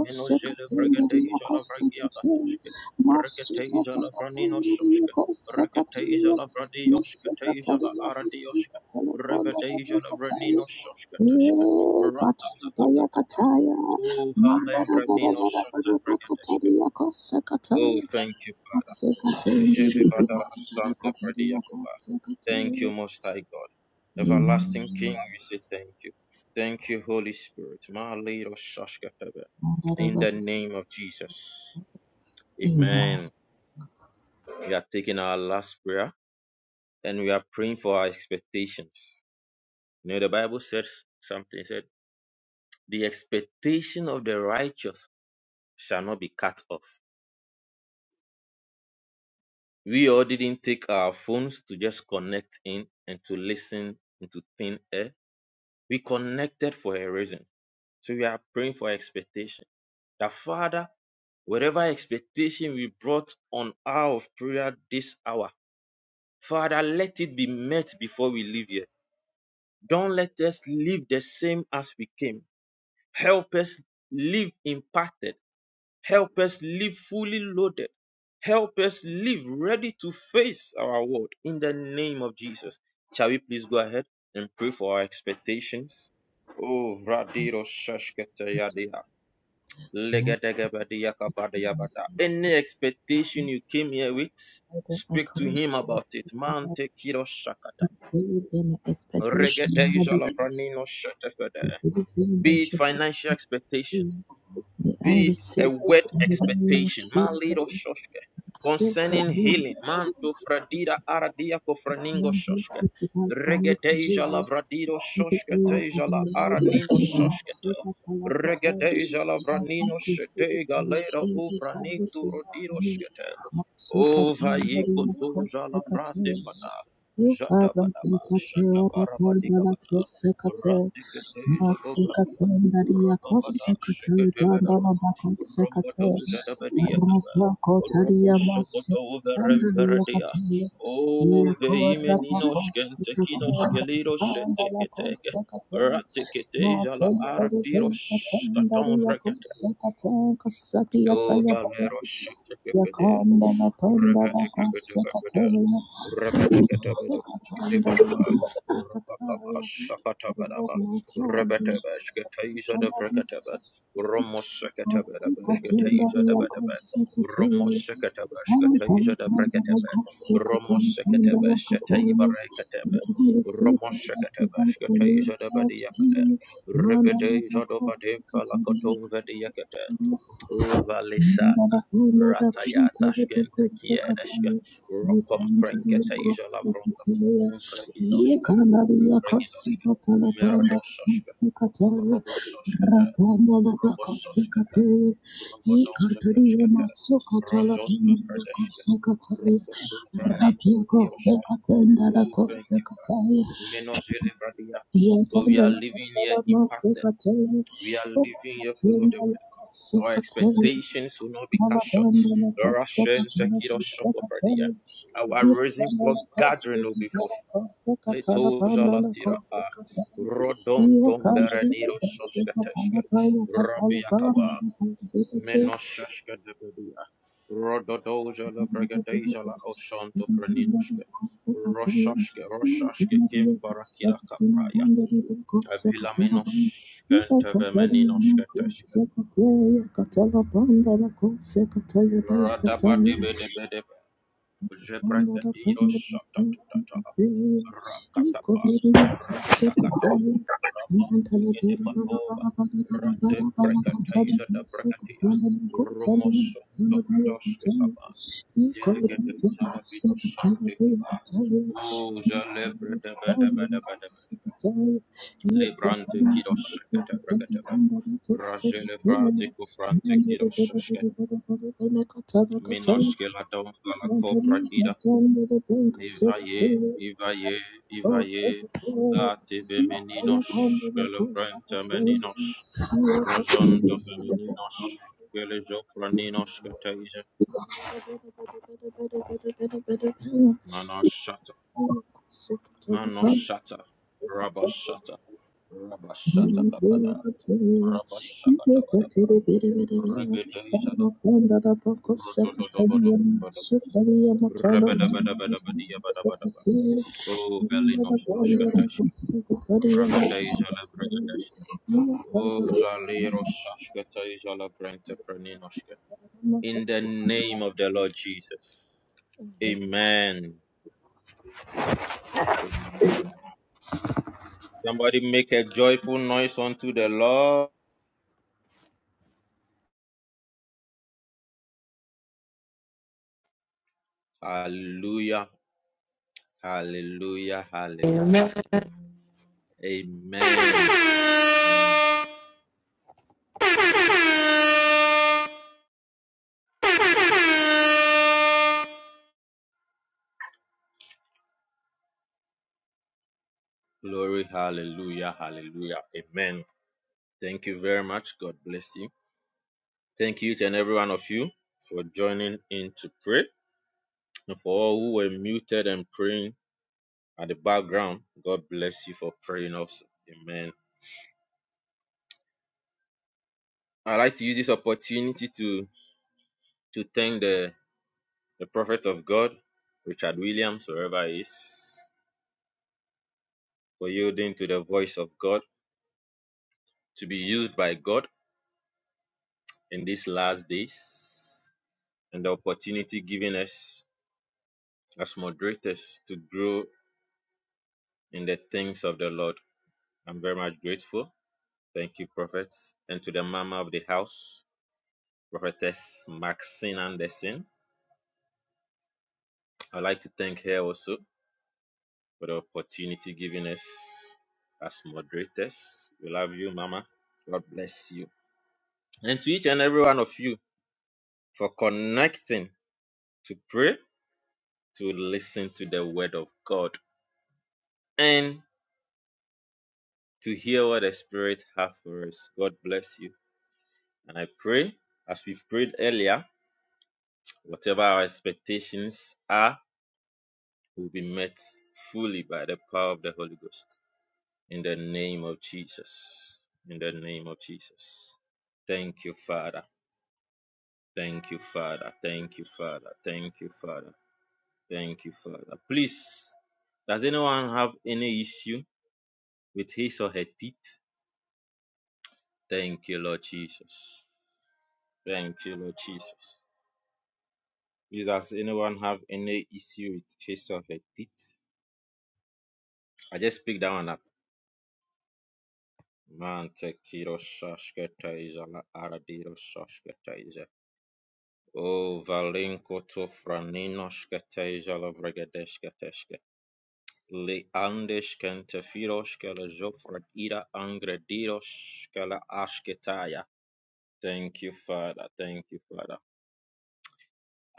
Menozele bregadeja la vragia gatoshke. Reketeja la braninososhke. Reketeja la bradioshke. Teja la aradioshke. Revedeja la braninososhke teshke. Ratatatatata. Oh, Valem braninostota bregadeshke. Oh, thank you, Father. Jele vada santa fradiakova. Thank you, Most High God. Everlasting King, we say thank you. Thank you, Holy Spirit. Ma Lero Shashka in the name of Jesus. Amen. We are taking our last prayer and we are praying for our expectations. You know, the Bible says something said, the expectation of the righteous shall not be cut off. We all didn't take our phones to just connect in and to listen into thin air. We connected for a reason. So we are praying for expectation. The Father, whatever expectation we brought on our prayer this hour, Father, let it be met before we leave here. Don't let us leave the same as we came. Help us live impacted. Help us live fully loaded. Help us live ready to face our world in the name of Jesus. Shall we please go ahead and pray for our expectations? Oh, Vradiro Shashkatayadea. Legedegebedeyakabadeyabada. Any expectation you came here with, speak to him about it. Man, take it or shakata. Regedeja lavranino shetefede. Be it financial expectation, be it a word expectation, my little shoshke. Concerning healing, man to fradida aradia kofraningo shoshke. Regedeja lavradido shoshke teja la aranino shoshke te. Regedeja lavranino shetega lera uvranintu rodiro shkete. Ova yikotoja lavrate pada. Jata badaba, shata barabadika Ratikitizagobia, Rababada, Shikitibadaba, Rombadoza Dabadiataba, Robosokoto Veremperadia, O Veimeninos Gentekinos Geliros Seteketeke, Ratikitiza la Aratiros Katon Rekete, O Valeros Shikipede, Revetikipede, Rebede Oh, Valisa Ratayata Shkente Kiedeshke, Rokom Prenkete Izolavroka, Unkredidoshke, Unkredidoshke, Merodososhke, Robososhke, Robososhke, Robodozodoshke, Rozonto Fredeshke, Rokotu Branin Prodioshke, Uven Menozili Radia. For we are living here impacted. We are living here full of the word. Our expectations will not be cut short. Russian Tekido Shokopradia. Our reason for gathering will be fulfilled. Leto Jalatira. Ah. Rodon Tombere Niro Shoskateshka. Rabbi Akaba. Menoshashka Debedia. Rododoja la Bragadeja la Oshanto Praninoshka. Roshashka Roshashka Kim Parakira Kapraya. Avila Menoshka Tevemeninoshka Teshka. Radaba Jebrakatiro shatatatata rakatapa rakatakata rabondu yedebatova ratebrakataiza da brakatia romosondo dosketaba yelegedeiza da vidosante kiba uza lebredebedebedebede lebrante kidosekete brakataba razelebrate kufrante kidoseske minaske la donfala Ivaye, Ivaye, Ivaye, Ative Meninos, Galabranta Meninos, Rosanto Femeninos, Gelejofraninos Kataja, Manashata, Manoshata, Rabashata, Rabashata Kabada, Rabashata Kabada, Rebeteja Dabada, Rabadabadabadabadabadabadabadabada. Oh, Velinos Toshkatash, Rabadeja Labragadashka. Oh, Zalero Shashkata Izala Brente Praninoshka. In the name of the Lord Jesus. Amen. Amen. Somebody make a joyful noise unto the Lord. Hallelujah. Hallelujah. Hallelujah.
Amen.
Amen. Amen. Glory, hallelujah, hallelujah. Amen. Thank you very much. God bless you. Thank you to every one of you for joining in to pray. And for all who were muted and praying, at the background. God bless you for praying also. Amen. I'd like to use this opportunity to to thank the, the prophet of God, Richard Williams, wherever he is, for yielding to the voice of God to be used by God in these last days and the opportunity given us as moderators to grow in the things of the Lord. I'm very much grateful. Thank you, Prophet. And to the mama of the house, Prophetess Maxine Anderson. I'd like to thank her also for the opportunity given us as moderators. We love you, Mama. God bless you. And to each and every one of you for connecting to pray, to listen to the word of God, and to hear what the Spirit has for us. God bless you. And I pray, as we've prayed earlier, whatever our expectations are, will be met fully by the power of the Holy Ghost. In the name of Jesus. In the name of Jesus. Thank you, Father. Thank you, Father. Thank you, Father. Thank you, Father. Thank you, Father. Please, does anyone have any issue with his or her teeth? Thank you, Lord Jesus. Thank you, Lord Jesus. Please, does anyone have any issue with his or her teeth? I just picked that one up. Man, take kiro shashketa izala aradiro shashketa iza. Oh, valinko to franino shketa izala Li andes kentafiros kala zofrat ira angrediros kala asketaya. Thank you, Father. Thank you, Father.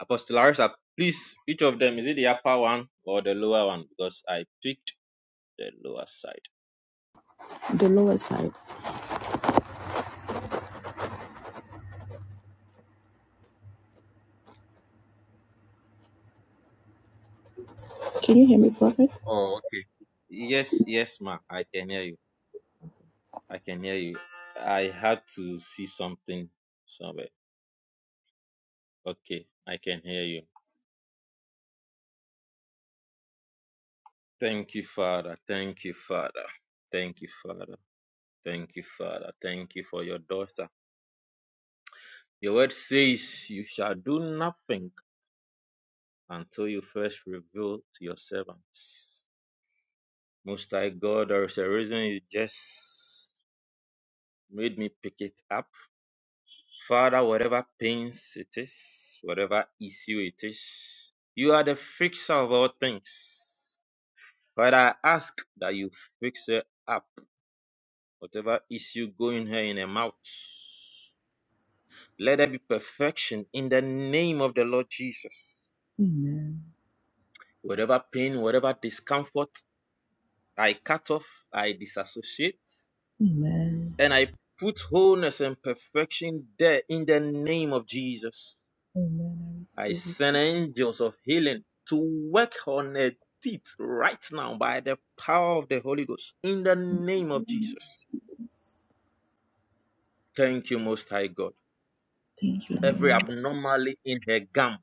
Apostle Larissa, please, each of them, is it the upper one or the lower one? Because I picked the lower side. Oh, okay. Yes, yes, ma. I can hear you. I can hear you. I had to see something somewhere. Okay, I can hear you. Thank you, Father. Thank you, Father. Thank you, Father. Thank you, Father. Thank you for your daughter. Your word says you shall do nothing until you first reveal to your servants. Most High God, there is a reason you just made me pick it up. Father, whatever pains it is, whatever issue it is, you are the fixer of all things. Father, I ask that you fix her up, whatever issue going her in her mouth. Let there be perfection in the name of the Lord Jesus. Whatever pain, whatever discomfort, I cut off, I disassociate, and I put wholeness and perfection there in the name of Jesus. I send angels of healing to work on her teeth right now by the power of the Holy Ghost in the name of Jesus. Thank you, Most High God. Every abnormality in her gum,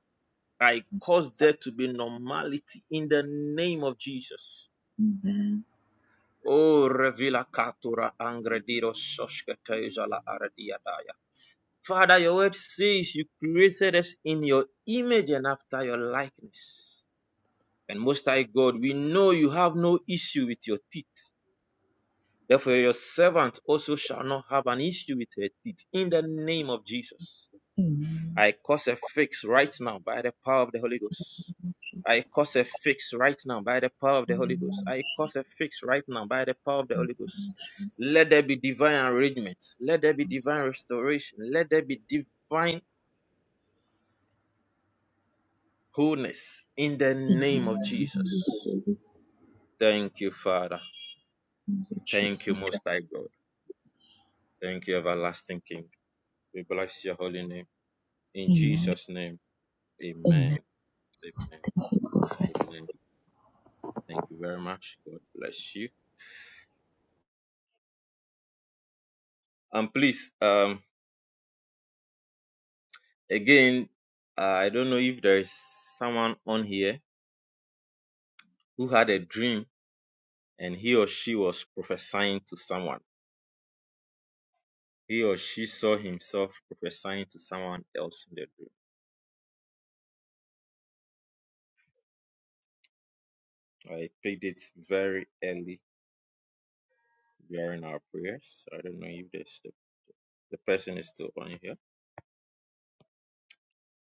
I cause there to be normality in the name of Jesus. O revila katura angrediro sosketeza la aradiadaya. Father, your word says you created us in your image and after your likeness. And most high God, we know you have no issue with your teeth. Therefore, your servant also shall not have an issue with her teeth. In the name of Jesus. I cause a fix right now by the power of the Holy Ghost. I cause a fix right now by the power of the Holy Ghost. I cause a fix right now by the power of the Holy Ghost. Let there be divine arrangement. Let there be divine restoration. Let there be divine wholeness in the name of Jesus. Thank you, Father. Thank you, Most High God. Thank you, Everlasting King. We bless your holy name. In Jesus' name, amen. Amen. Amen. Thank you very much. God bless you. And please, um, again, uh, I don't know if there is someone on here who had a dream and he or she was prophesying to someone. He or she saw himself prophesying to someone else in the dream. I picked it very early during our prayers. So I don't know if there's the, the person is still on here.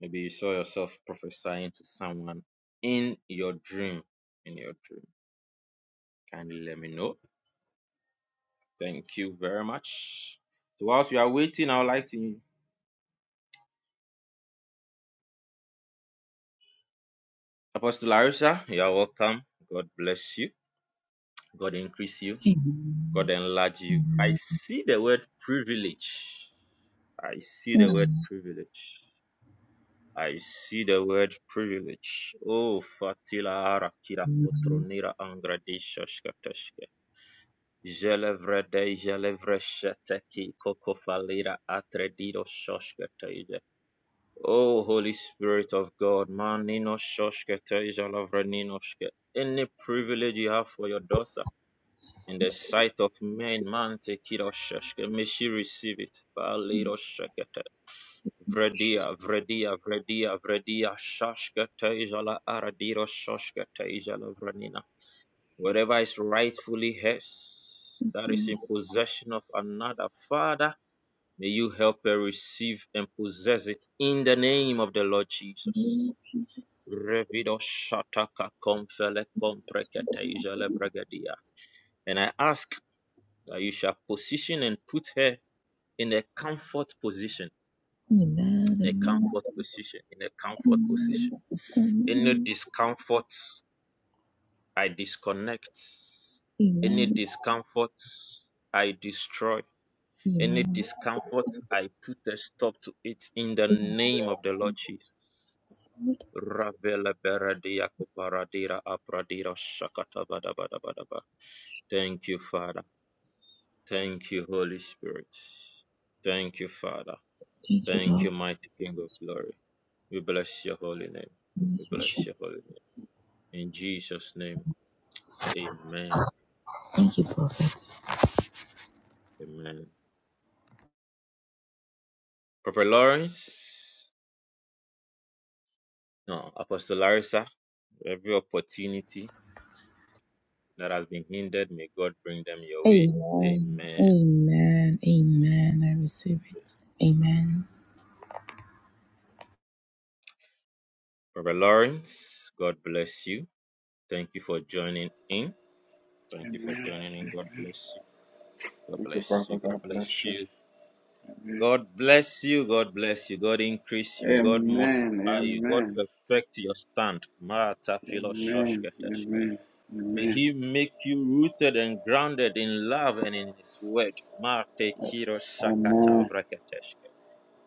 Maybe you saw yourself prophesying to someone in your dream. In your dream. Kindly let me know. Thank you very much. So whilst we are waiting, I would like to Apostle Larissa, you are welcome. God bless you. God increase you. God enlarge you. I see the word privilege. I see the word privilege. I see the word privilege. Oh, Fatila Arakira Kotronira Angradeshashkatashke. Jelevre de Jelevre Sheteki Kokofalira Atredido Shoshkate Oh, Holy Spirit of God, Manino Shoshke Tejalavraninoshke. Any privilege you have for your daughter in the sight of men, man take it or shoshke. May she receive it. Baliro Shekete. Vredia, Vredia, Vredia, Vredia, Shashke Tejala Aradiro Shoshke Tejalavranina. Whatever is rightfully hers, that is in possession of another Father, may you help her receive and possess it in the name of the Lord Jesus. Revido shataka konfele komprekete ijele bregedia. And I ask that you shall position and put her in a comfort position, in a comfort position, in a comfort position. Any discomfort, I disconnect. Any discomfort, I destroy. Any discomfort, I put a stop to it in the name of the Lord Jesus. Ravela beradia koparadira apradira shakata badabadabadaba. Thank you, Father. Thank you, Holy Spirit. Thank you, Father. Thank you, mighty King of glory. We bless your holy name. We bless your holy name. In Jesus' name, amen. Amen. Prophet Lawrence, no, Apostle Larissa, every opportunity that has been hindered, may God bring them your way. Amen. Prophet Lawrence, God bless you. Thank you for joining in. Thank you for
Amen.
joining in. God bless you. God
Thank you,
bless you.
Prophet.
God
God
bless
bless you.
you.
Amen.
God bless you. God bless you. God increase you. God multiply you. God
Amen. Amen.
perfect your stand. Marata philo
Amen.
shoshketeshke.
Amen.
May
Amen.
He make you rooted and grounded in love and in His word. Marte kiro shakata
Amen.
vreketeshke.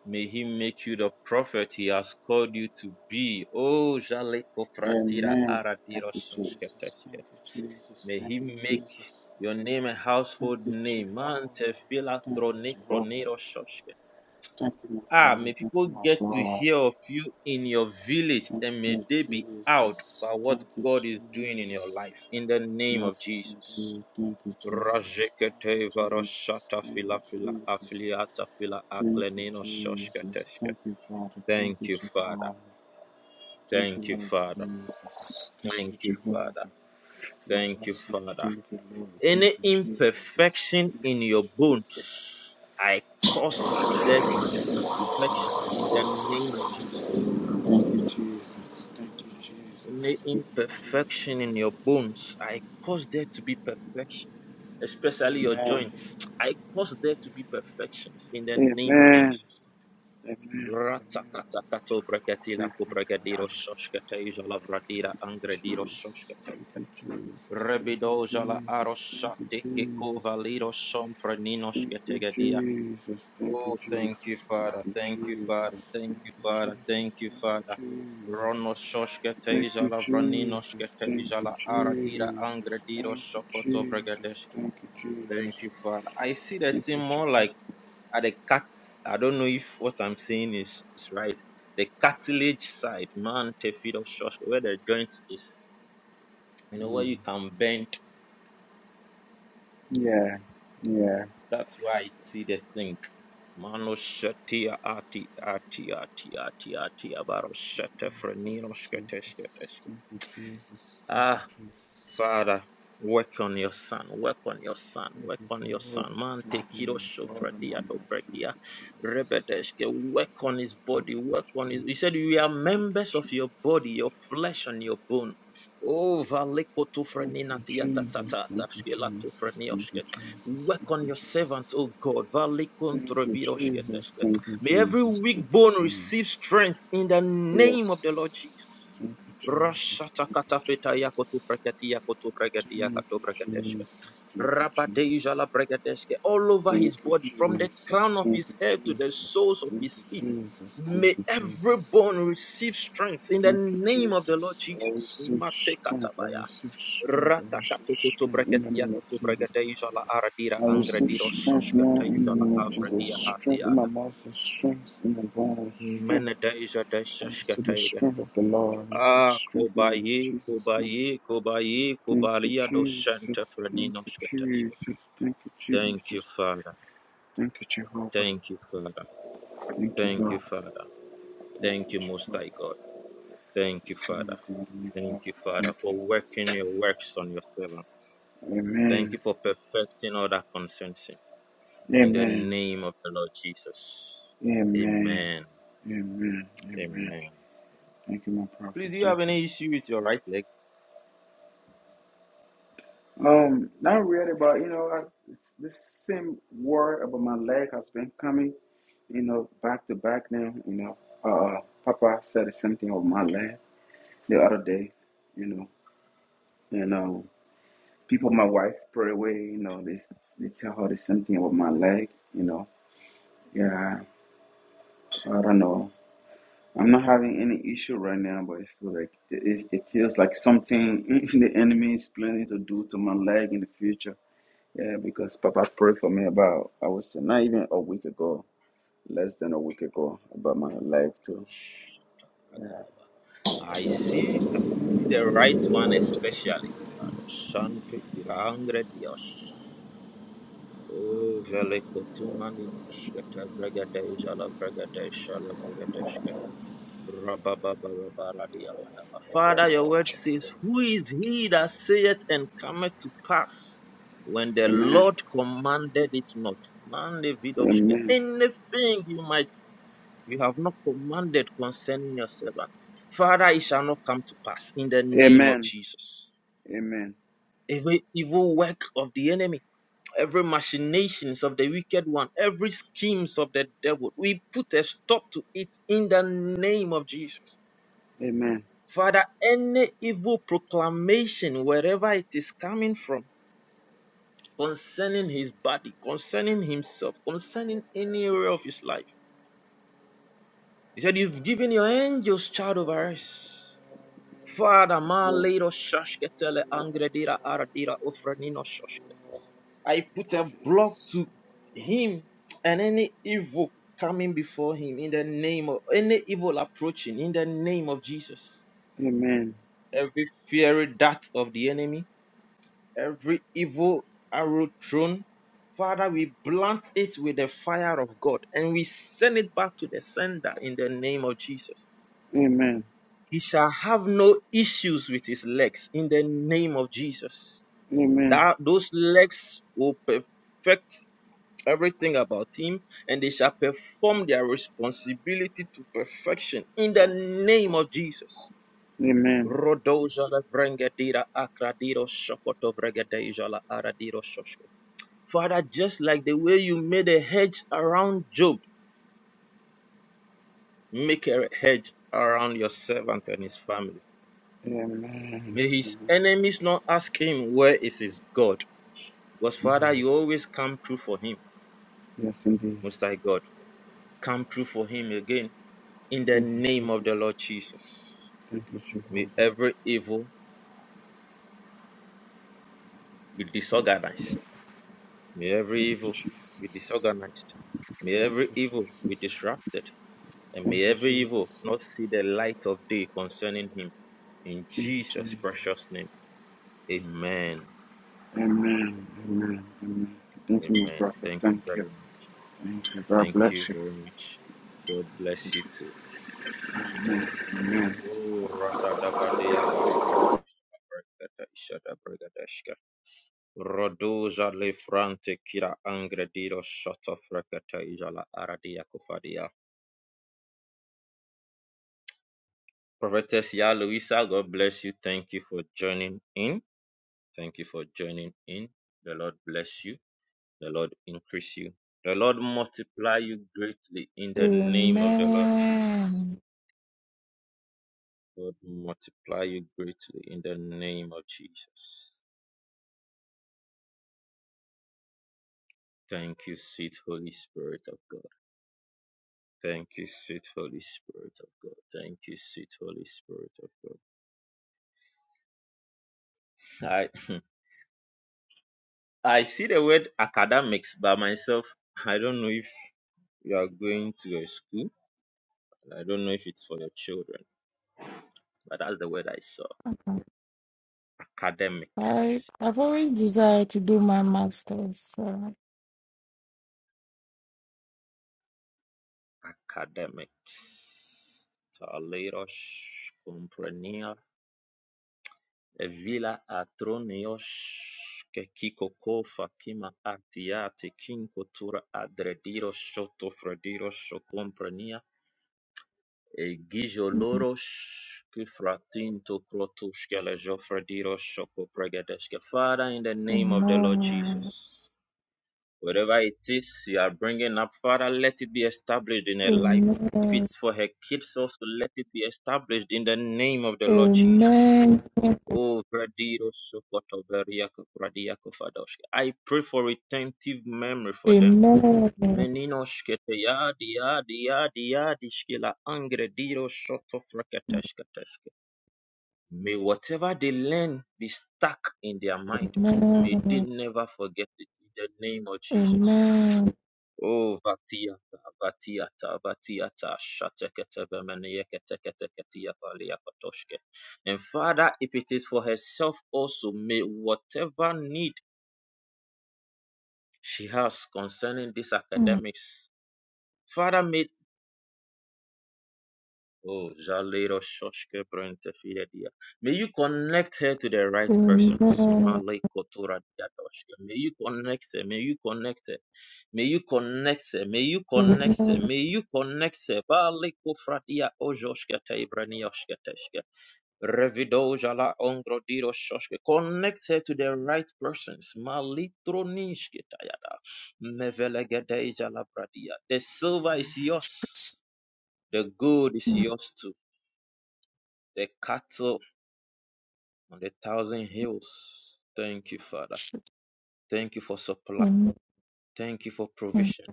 May He make you the prophet He has called you to be. Oh, jale kofratira
Amen. Thank
aradiro
you, Jesus. Thank
shoshketeshke.
you, Jesus.
May
Thank
He
you,
make
Jesus.
your name a
Thank
household
you,
name.
Jehovah.
Mante phila
Thank you,
troni
Jehovah.
kroniro shoshke.
Thank you, my
Ah,
Father.
may
Thank
people
you, my
get to
God.
hear of you in your village
Thank
and may
you,
they be out
Jesus.
by what
Thank you,
God is doing in your
Jesus.
life. In the name of
Yes,
Jesus.
indeed. Thank you, Jesus. Thank
Rajekete
you, Jesus.
varashata
Thank
fila
you,
fila
Jesus.
afiliata fila
Thank you,
aklenino
Jesus.
shoshketeske.
Thank you, Father. Thank
Thank
you,
you, Father.
Jehovah. Thank
Thank
you,
you,
Lord
Father.
Jesus. Thank
Thank
you,
you,
Jehovah.
Father.
You
Thank
are
you,
awesome.
Father.
Thank you, Lord. Thank
Any
you, Jesus.
imperfection
Thank
in your
you,
bones,
Jesus.
I cause there to be perfection in the name of Jesus.
Thank you, Jesus. Thank you,
in
Jesus. Thank you, Jesus.
imperfection in your bones. I cause there to be perfection, especially your
Amen.
joints. I cause there to be perfections in the name of
Amen.
Jesus.
Amen. Amen.
Ratakatakato brakatila
Thank you,
kubrakadiro
Father.
shoshkatei jala
Thank
vradira
you,
angrediro
Jesus.
shoshkatei.
Thank you, Jesus. Thank
Rebido
you,
jala
Jesus. Thank you,
arosate kiko
Jesus.
valiro shompranino
Thank you, Jesus. Thank you,
Oh,
Jesus.
thank you,
Thank
Father.
you,
Thank you,
Jesus.
Father. Thank
Thank
you,
you,
Father. Thank you, Father.
Jesus.
Rono shoshke
Thank
teja
you,
vranino
Jesus.
shke
Thank
teja
you,
aradira
Jesus.
angrediro
Thank you, Jesus. Thank you,
shokoto
Jesus.
vregedeshke.
Thank you,
Thank
Jesus.
you, Father. I see that
Thank
thing
you,
more
Jesus.
like at the cat. I don't know if what I'm saying is, is right. The cartilage side, man, tefido shoshke, where the joints is, you know, where
Mm.
you can bend
Yeah. Yeah.
That's why I see the thing. Mano shatia ati ati ati ati ati abaro shate
Thank
frenino
you,
shkete shkete
Jesus.
shkete.
Thank you, Jesus. Thank you,
Ah,
Jesus.
Father, work on your son, work on your son,
Thank
work
you,
on your
Jehovah.
son. Man,
Thank
take
you,
Kiro
my God and my
Shofradia
Lord. Thank
Dobregia,
you, Jesus.
Rebedeshke, work on his
Thank
body,
you,
work on his.
Jesus.
He said, We are
Thank you,
members of
Jesus.
your body, your flesh and your bone. Oh, Valeko
Thank
Tufrenina
you,
Tiata
Jesus.
Tata,
Thank you,
Tashkela
Jesus. Thank you,
Tufrenioshke.
Jesus.
Work
Thank
on
you,
your servant,
Jesus.
oh God. Valekon
Thank you,
Treviroshke
Jesus.
Deshke.
Thank you,
May every
Jesus.
weak
Thank you,
bone
Jesus.
receive strength in the name of the Lord Jesus.
Yes. Thank you, Jesus.
Rashata
Thank
katafeta yako tu breketi yako tu breketi yako
you,
tu breketeshke.
Jesus. Thank you, Jesus.
Rabadeja la breketeshke. All over
Thank
his
you, Jesus. Thank you,
body, from the
Jesus.
crown of
Thank
his
you,
head to
Jesus.
the soles of
Thank
his
you,
feet.
Jesus. Thank
May
you, Jesus.
every bone receive strength in the
Thank you,
name of the Lord
Jesus. I
Jesus.
receive
Mate
strength. I
katabaya.
receive strength. I
Rata
receive
katukutu
strength in
breketi
the name
yako
of
tu
Jesus.
breketeja la aradira
I receive
angrediro
strength now in the
soshketeja la
name of Jesus.
avredia
Strength in my
atiada.
muscles, strength in my bones, strength.
Menedeja
I receive the
deseskete
strength of the Lord. I receive
Ah,
strength now in
Kobaye,
Jesus' name.
Kobaye, Kobaye,
Thank you,
Kobalia
Jesus.
Doshanta
Thank
Franino Shkatash.
you, Jesus. Thank you,
Thank you,
Jesus.
Father.
Thank you, Jehovah.
Thank you, Father.
Thank you,
Thank you,
Lord.
Father.
Thank
Thank
you,
you, Most
Jehovah.
High God. Thank you,
Oh
Father.
my God, my
Thank
Lord.
you, Father,
Thank
for
you.
working your works on your servants. Thank you
Amen.
for perfecting all that concerns him. In the
Amen.
name of the Lord Jesus.
Amen.
Amen.
Amen. Amen.
Amen.
Thank you, my prophet.
Please, do you have
Thank you.
any issue with your right leg?
Um, not really, but you know, I, it's this same worry about my leg has been coming, you know, back to back now. You know, uh, Papa said the same thing about my leg the other day, you know, and um, people, my wife, pray away, you know, they s- they tell her the same thing about my leg, you know. Yeah, I don't know. I'm not having any issue right now, but it's like it, it it feels like something the enemy is planning to do to my leg in the future Yeah, because Papa prayed for me about, I would say, not even a week ago, less than a week ago, about my life too.
I see, I see the right one especially. Shante kirangre dios. Oh, vele kotumaninos kete bregede jala bregede shala bregede Rababababaradia badaba. Father, your word says, Who is he that saith and cometh to pass when the
Amen.
Lord commanded it not? Man, David
Amen.
Anything you might you have not commanded concerning your servant. Father, it shall not come to pass in the name of
Amen.
Jesus.
Amen.
Every evil work of the enemy, every machinations of the wicked one, every schemes of the devil, we put a stop to it in the name of Jesus.
Amen.
Father, any evil proclamation, wherever it is coming from, concerning his body, concerning himself, concerning any area of his life, he said, You've given your angels charge over us. Father, ma little shoshketele angredira aradira ufranino shoshke. I put a block
Jesus.
to him and any evil coming before him in the name of any evil approaching in the name of Jesus.
Amen.
Every fiery dart of the enemy, every evil arrow thrown, Father, we blunt it with the fire of God and we send it back to the sender in the name of Jesus.
Amen.
He shall have no issues with his legs in the name of Jesus.
Amen.
That those legs will perfect everything about him and they shall perform their responsibility to perfection in the name of Jesus.
Amen.
Father, just like the way you made a hedge around Job, make a hedge around your servant and his family.
Amen.
May his enemies not ask him where is his God. Because Father,
Amen.
you always come true for him,
Yes, indeed.
Most High God. Come true for him again in the
Thank you,
name of the
Jesus.
Lord Jesus.
Thank you, Jehovah.
May every evil be disorganized. May
Thank
every
you,
evil
Jesus.
be disorganized. May
Thank
every
you,
evil be
Jesus.
disrupted. And may
Thank you,
every evil
Jesus.
not see the light of day concerning him. In
Thank you,
Jesus'
Jesus.
precious name. Amen.
Amen. Amen. Amen. Thank you, my
Amen.
prophet.
Thank you
Thank you.
very much.
Thank you. God
Thank you
bless you.
very much. God bless you too.
Amen. Amen.
Oh, radadabadeya barabadeshakabragadashadabragadashka. Rodoza lefrante kira angredido soto frakata izala aradia kufadia. Prophetess Ya Luisa, God bless you. Thank you for joining in. Thank you for joining in. The Lord bless you. The Lord increase you. The Lord multiply you greatly in the name of the Lord Jesus.
Amen.
God multiply you greatly in the name of Jesus. Thank you, sweet Holy Spirit of God. Thank you, sweet Holy Spirit of God. Thank you, sweet Holy Spirit of God. I I see the word academics by myself. I don't know if you are going to a school. I don't know if it's for your children, but that's the word I saw.
I,
Academics.
I've always desired to do my master's. So.
Academics. Taleiros comprenia, Villa Atronios que kikokofa kima ati yati kinkotura adrediros sotofrediros sokomprenia egizoloros kifratinto krotus kelezofrediros sokopregedeshke. Father, in the name of the Lord Jesus,
Amen.
wherever it is you are bringing up, Father, let it be established in her life. If
Amen.
it's for her kids also, let it be established in the name of the Lord Jesus.
Amen.
Oh, Bradido Sokoto Beriako Bradiako Fadosh. I pray for retentive memory for them.
Amen.
Menino shkete yadi yadi yadi yadi shkila angre diro shoto frakatashka tashka. May whatever they learn be stuck in their mind.
Amen.
May they never forget it in the name of Jesus.
Amen. Mm. Amen. Amen.
Oh, vatiata, vatiata, vatiata, shatekete bemeniyeketeketeketiyata liyakatoshke. And Father, if it is for herself also, may whatever need she has concerning these
Mm.
academics, Father, may Oh, Jalero Shoshke Brente Fidedia. May you connect her to the right persons. Malay Kotora Diadoshke. May you connect her. May you connect her. May you connect, may you connect, may you connect. sir. Bali kufratia ojoshkete ibranioshketeshke. Revidojala ongrodiroshkoshke. Connect her to the right persons. Malitronishketayada. Mevelegedejala bradia. The silver is yours. The gold is yours too. The cattle on the thousand hills. Thank you, Father. Thank you for supply.
Amen.
Thank you for provision.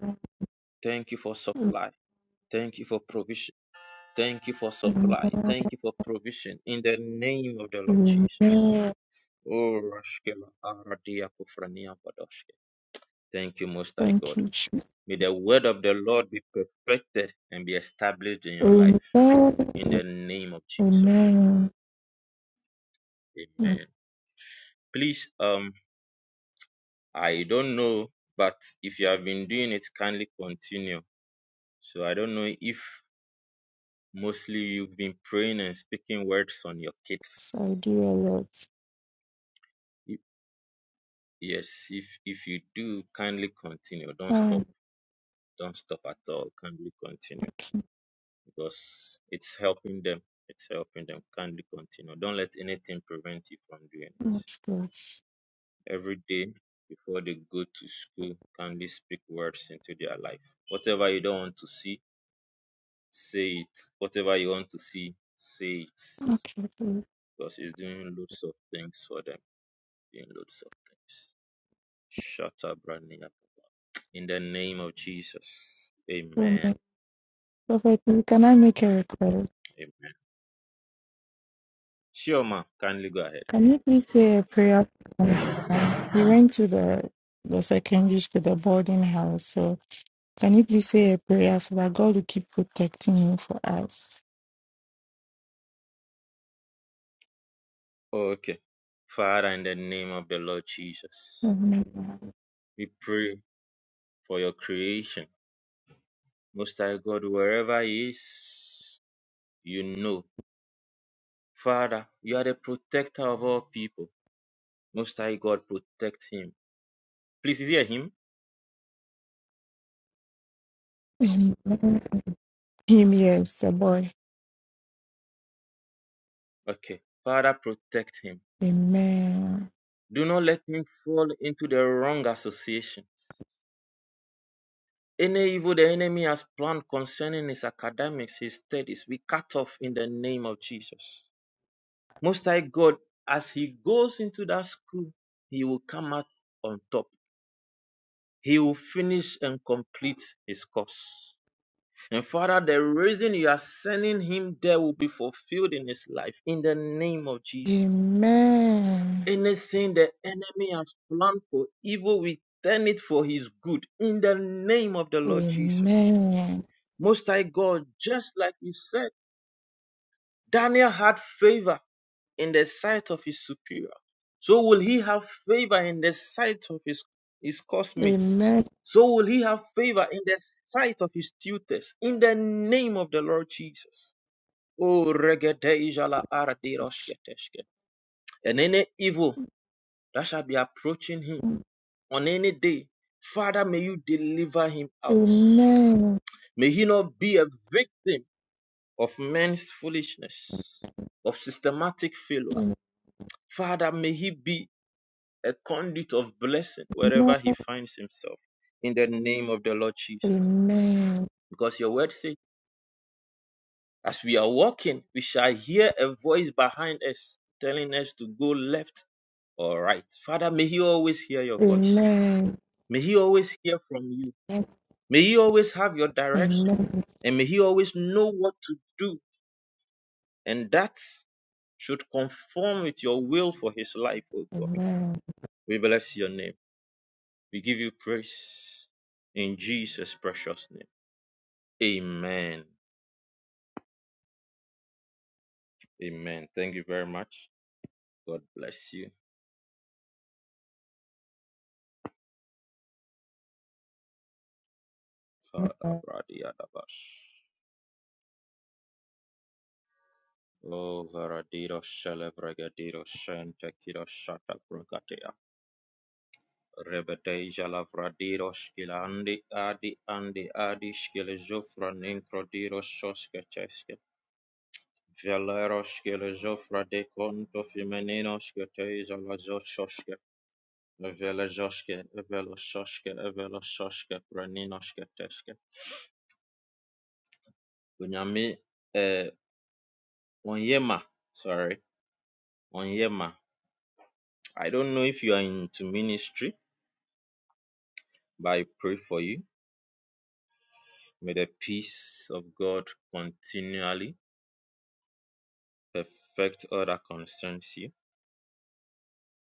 Thank you for supply. Thank you for provision. Thank you for supply.
Amen.
Thank you for provision. In the name of the Lord Jesus.
Amen.
Oh, Rashkela, Aradia, Kufrania, Badoshke. Thank you, Most High
Thank
God.
you. Jesus.
May the word of the Lord be perfected and be established in your life. In
Amen.
the name of Jesus.
Amen. Yes,
Amen. Please, um, I don't know, but if you have been doing it, kindly continue. So I don't know if mostly you've been praying and speaking words on your
I do
kids
a
Yes, if if you do, kindly continue. Don't
lot.
stop. Don't stop at all. Kindly continue because it's helping them. It's helping them. Kindly continue. Don't let anything prevent you from doing
That's
it.
good.
Every day before they go to school, kindly speak words into their life. Whatever you don't want to see, say it. Whatever you want to see, say it.
Okay. so-
Because it's doing loads of things for them. Doing loads of things. Shut up, Brandy. In the name of Jesus.
so
Amen.
my- Prophet, can I make a request?
Amen. Shioma, kindly go ahead.
Can you please say a prayer? for him? He went to the the secondary school, the boarding house. So can you please say a prayer so that God will keep protecting him for us?
okay. Father, in the name of the Lord Jesus,
Amen.
we pray for your creation. Most High God, wherever He is, you know. Father, you are the protector of all people. Most High God, protect him. Please is hear him.
Amen. Him, yes, the boy.
Okay. Father, protect him.
Amen.
Do not let him fall into the wrong association. Any evil the enemy has planned concerning his academics, his studies, we cut off in the name of Jesus. Most High God, as he goes into that school, he will come out on top. He will finish and complete his course. And Father, the reason you are sending him there will be fulfilled in his life in the name of Jesus.
Amen.
Anything the enemy has planned for evil, we turn it for his good in the name of the Lord Jesus.
Amen.
Most High God, just like you said, Daniel had favor in the sight of his superior. So will he have favor in the sight of his, his
Amen.
cosmates?
Amen.
So will he have favor in the sight of his tutors in the name of the Lord Jesus. Oh, regedejala araderoshketeshke. And any evil that shall be approaching him on any day, Father, may you deliver him out. May he not be a victim of men's foolishness, of systematic failure.
Amen.
Father, may he be a conduit of blessing wherever he finds himself in the name of the Lord Jesus.
Amen.
Because your word says, as we are walking, we shall hear a voice behind us telling us to go left or right. Father, may he always hear your voice.
Amen.
May he always hear from you. May he always have your direction.
Amen.
And may he always know what to do. And that should conform with your will for his life, O God.
Amen.
We bless your name. We give you praise in Jesus' precious name. Amen. Amen. Thank you very much. God bless you. Kadabradiadabash. O varadido celebregadido shente Rebedeja lavradido skilandi adi andi adi skile zofra ninkro Veleroshke lejofra de conto femeninoshke teiza lazoshke velejoshke veloshoshke veloshoshke praninoshke teshke. Bunyami uh, Onyema, sorry, Onyema. I don't know if you are into ministry, but I pray for you. May the peace of God continually perfect all that concerns you.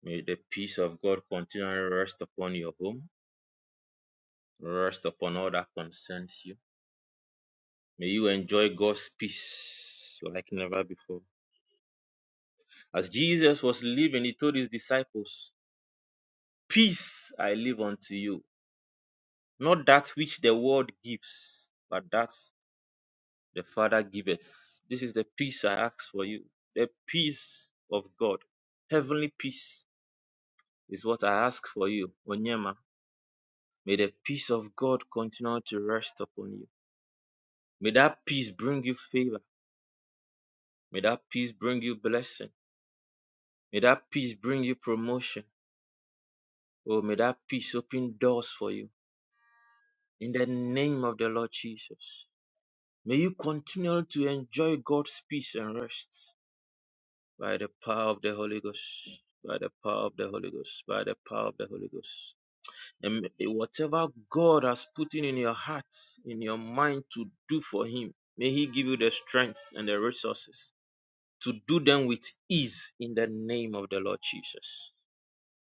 May the peace of God continually rest upon your home, rest upon all that concerns you May you enjoy God's peace like never before. As Jesus was leaving, he told his disciples, Peace I leave unto you, not that which the world gives, but that the Father giveth. This is the peace I ask for you. The peace of God, heavenly peace, is what I ask for you, Onyema. May the peace of God continue to rest upon you. May that peace bring you favor. May that peace bring you blessing. May that peace bring you promotion. Oh, may that peace open doors for you in the name of the Lord Jesus. May you continue to enjoy God's peace and rest by the power of the Holy Ghost, by the power of the Holy Ghost, by the power of the Holy Ghost. And may- whatever God has put in, in your heart, in your mind to do for Him, may He give you the strength and the resources to do them with ease in the name of the Lord Jesus.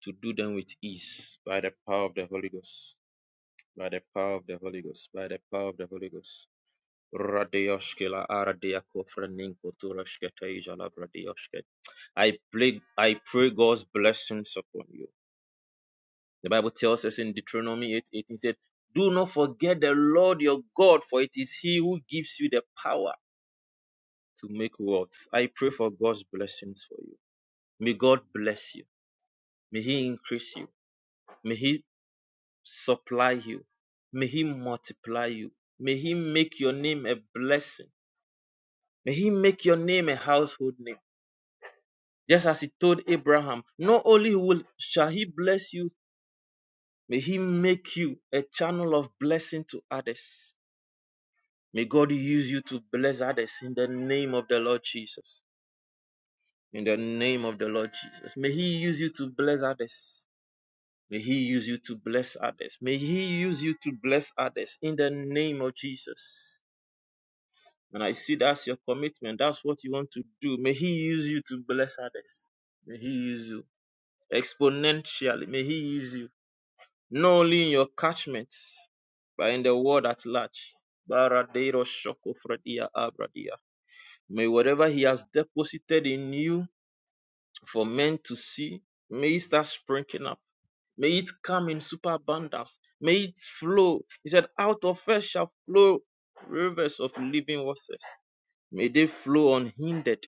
To do them with ease by the power of the Holy Ghost. by the power of the Holy Ghost, by the power of the Holy Ghost. Radioshkila aradiako freninko turashketeja labradioshke. I pray, I pray God's blessings upon you. The Bible tells us in Deuteronomy 8 18 said, Do not forget the Lord your God, for it is He who gives you the power to make wealth. I pray for God's blessings for you. May God bless you. May He increase you. May He supply you. May He multiply you. May He make your name a blessing. May he make your name a household name. Just as he told Abraham, not only will shall he bless you, may he make you a channel of blessing to others. May God use you to bless others in the name of the Lord Jesus. In the name of the Lord Jesus. May he use you to bless others. May he use you to bless others. May he use you to bless others in the name of Jesus. And I see that's your commitment. That's what you want to do. May he use you to bless others. May he use you exponentially. May He use you, not only in your catchments, but in the world at large. Baradero shoko fredia abradia. May whatever He has deposited in you for men to see, may it start sprinkling up. May it come in superabundance. May it flow. He said, Out of us shall flow rivers of living waters. May they flow unhindered.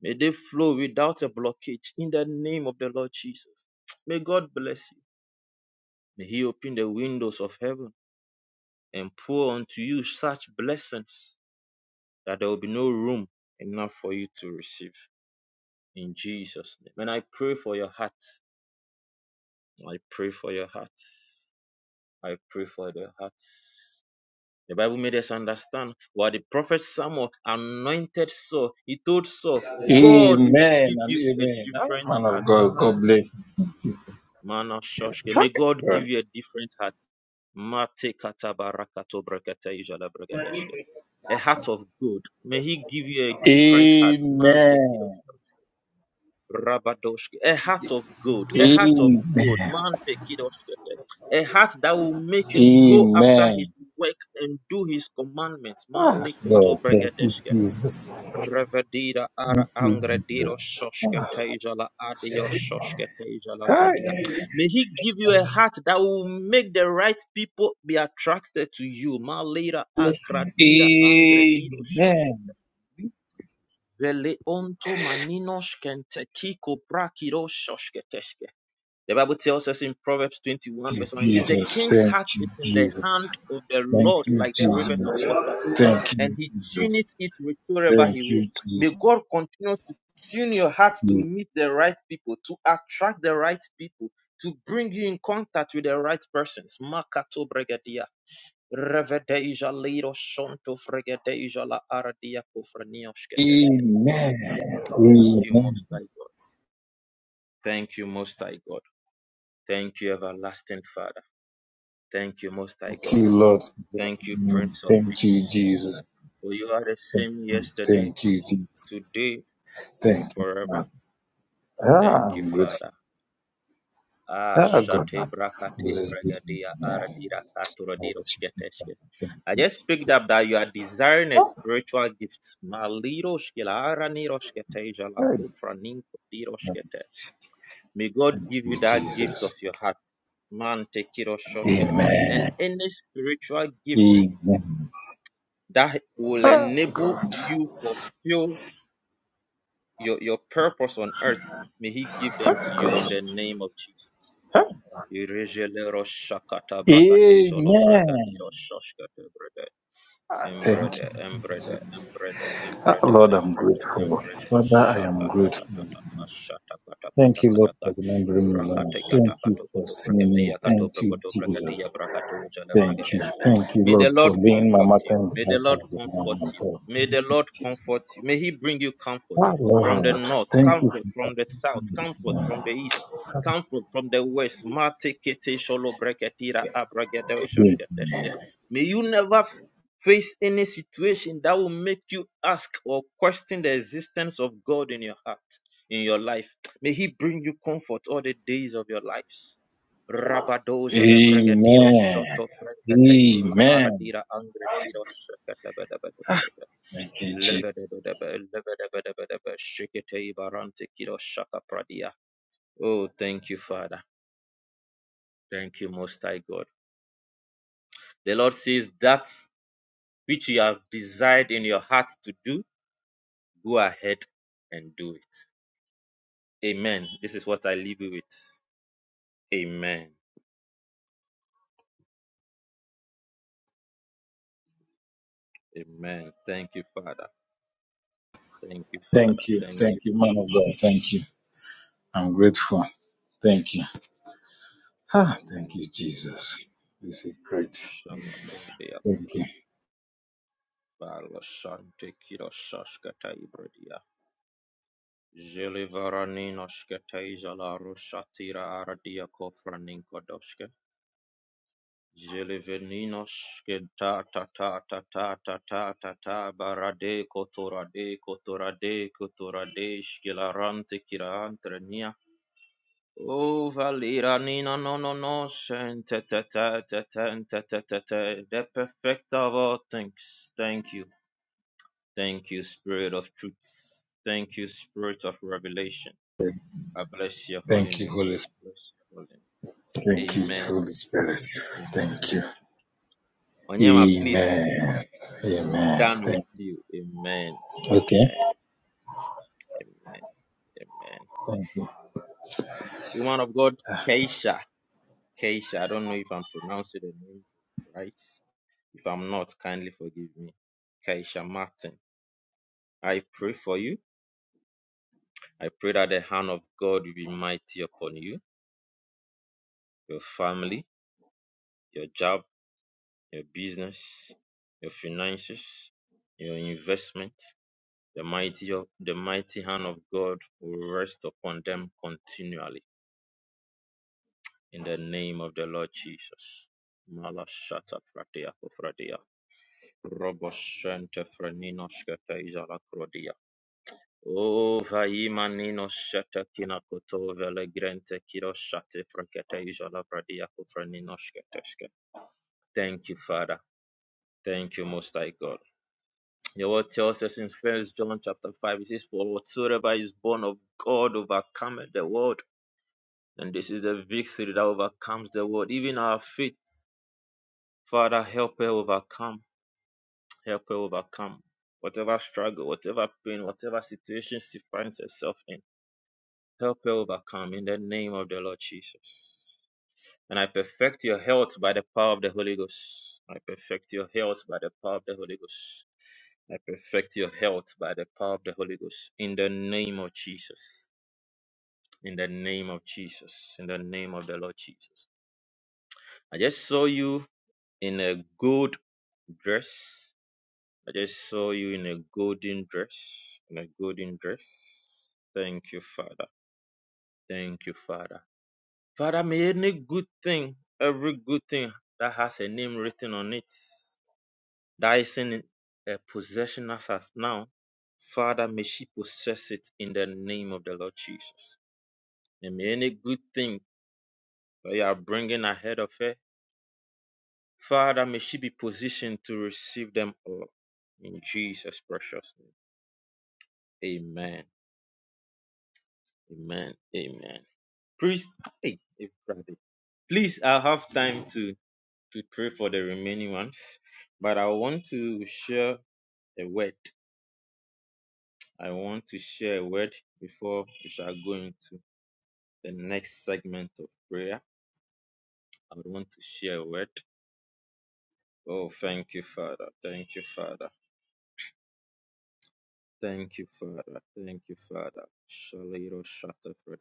May they flow without a blockage in the name of the Lord Jesus. May God bless you. May He open the windows of heaven and pour unto you such blessings that there will be no room enough for you to receive. In Jesus' name. And I pray for your heart. I pray for your heart. I pray for their hearts. The Bible made us understand what the prophet Samuel anointed Saul. He told Saul, God will
Amen
give
and
you a
amen. Ah,
different
Man of
heart.
God, God bless. you.
May God give you a different heart. a heart of gold. May He give you a different heart. Man, take it off.
Amen.
Rabadoshke. A heart of gold. A heart of
Amen.
gold. Man, take it off. A heart that will make you go after His
Amen.
work and do His commandments.
Ah,
Malikoto
God, thank you,
bregadeshke.
Jesus.
Revadira ara
Thank you,
angrediro
Jesus.
shoshke teijala adio shoshke teijala
Ah,
bradia. May He give you a heart that will make the right people be attracted to you. Malira akradira angrediro shoshke.
Amen.
Vele onto maninos kentekiko prakiroshoshketeshke. The Bible tells us in Proverbs 21,
Thank
verse 1, it
you,
says, The
Jesus.
king's
Thank
heart
you,
is in the
Jesus.
hand of the
Thank
Lord
you,
like the
Jesus.
rivers of water,
Thank
and
you,
he
Jesus.
tuneth it wherever
Thank
he
you,
will.
Jesus.
May God continue to tune your heart to
Amen.
meet the right people, to attract the right people, to bring you in contact with the right persons. Makato bregadia. Revedeja leiro shonto fregedeja la aradia kofranioshketeshke. Thank you,
Amen.
Most High God. Thank you, Most High God. Thank you, Everlasting Father. Thank you, Most High
Thank
God.
you, Lord.
Thank you, Prince of
Thank you,
Peace.
Jesus.
For you are the
Thank
same
you,
yesterday,
thank you, Jesus.
today, and
Thank you,
forever.
Father.
Thank
Ah,
you,
I'm grateful.
Father. Ah,
Ah, God,
shate
I'm
brakate
be the
bragadia
name.
aradira
I
katuradiro
worship you, Father.
shketeshke.
Thank
I
you,
just picked up
Jesus.
that you are desiring a
Ah,
spiritual gift. Maliro shkela araniro shketeja la
Thank
kufra ninko
you,
May God
Thank
give
you,
you that gift of
Jesus.
your heart. Man, take it or shoshke. And
Amen.
any spiritual gift
Amen.
that will
Ah,
enable
God.
you to fulfill your, your purpose on earth. May he give them to you in the name of Jesus.
Ah,
Irejele ro shakata brakate jolo bragadi
Amen.
ro shoshke te brede.
Ah, Thank
Embrede,
you,
embrede,
Jesus.
embrede,
Ah,
embrede,
Lord, I'm
embrede,
grateful.
embrede,
Father, I
shata,
am
tata,
grateful.
tata, tata, shata, tata, tata,
Thank you,
tata,
Lord,
tata,
for remembering me, Lord.
rakate, kata,
Thank you
kato,
for
koto,
seeing
brakete,
me.
yakato,
Thank you,
brakoto, brakete,
Jesus.
yabrakate, ujale,
Thank
brakete,
you.
shke.
Thank you,
May the
Lord,
Lord
for being my
comfort
mother
you.
and
May the
dad
Lord
of the
comfort
moment.
you.
Oh,
May
thank
the
you,
Lord
Jesus.
comfort you. May He bring you comfort
Ah,
from the
Lord,
north,
thank you
comfort
for
from the south, comfort from
that.
the east, comfort from the west. Mate, kete, sholo, breketira, abragede, shoshke, teshke. May you never Face any situation that will make you ask or question the existence of God in your heart, in your life. May He bring you comfort all the days of your lives. Rabadoja levregadiro
Amen.
shoto pregatejo
Amen.
aradira angrediro shakatabadabadabadaba.
Thank you, Jesus.
Lebedebedebe, lebedebedebedebe, shikete barante kiro shaka pradia. Oh, thank you, Father. Thank you, Most High God. The Lord says that which you have desired in your heart to do Go ahead and do it. Amen. This is what I leave you with. Amen. Amen. Thank you, Father. Thank you, Father.
Thank you.
Thank you.
Thank you, man of God. Thank you. I'm grateful. Thank you. Ah, thank
Amen.
you,
God bless
Jesus.
you.
This is great. Thank
Shalabradiakaba.
you.
Balashante kirashashkata ibradia. Jelevaraninoshkata izalarushati ra aradia Kofraninko Jeleveninos ke ta ta ta ta ta ta ta ta ta barade kotorade kotorade kotorade shkilarante kirantrenia. O valiranina no no no te te te te te te te te te de perfecta of all things. Thank you. Thank you, Spirit of Truth. Thank you, Spirit of Revelation. I bless your holy
Thank you,
name.
Holy
I bless your holy name.
Spirit. Thank you,
Amen.
Holy Spirit.
Amen.
Thank you.
Onyema, please.
Amen.
I'm
Amen.
done with
Thank
you. Amen.
Okay.
Amen. Amen. Amen.
Thank you.
Woman of God, Keisha. Keisha. I don't know if I'm pronouncing the name right. If I'm not, kindly forgive me. Keisha Martin. I pray for you. I pray that the hand of God will be mighty upon you, your family, your job, your business, your finances, your investment. The mighty, the mighty hand of God will rest upon them continually In the name of the Lord Jesus. Malashata fratia kofradia. Roboshente freninoshka teiza la krodia. O vaima nino shete kina koto vele grente kiro shate frakete iza la fradia kofreninoshka teshke. Thank you, Father. Thank you, Most High God. Your word tells us in First John chapter five, it says, "For whatsoever is born of God overcometh the world." And this is the victory that overcomes the world, even our faith. Father, help her overcome. Help her overcome whatever struggle, whatever pain, whatever situation she finds herself in. Help her overcome in the name of the Lord Jesus. And I perfect your health by the power of the Holy Ghost. I perfect your health by the power of the Holy Ghost. I perfect your health by the power of the Holy Ghost. In the name of Jesus. In the name of Jesus. In the name of the Lord Jesus. I just saw you in a gold dress I just saw you in a golden dress, in a golden dress. Thank you, Father. Thank you, Father. Father, may any good thing, every good thing that has a name written on it, that is in a possession as us now, Father, may she possess it in the name of the Lord Jesus. And may any good thing that you are bringing ahead of her, Father, may she be positioned to receive them all. In Jesus' precious name. Amen. Amen. Amen. Please, hey, eh, Friday. please, I have time to to pray for the remaining ones, but I want to share a word. I want to share a word before we shall go into the next segment of prayer. I want to share a word. Oh, thank you, Father. Thank you, Father. Thank you, Father. Thank you, Father. Shaliro Shata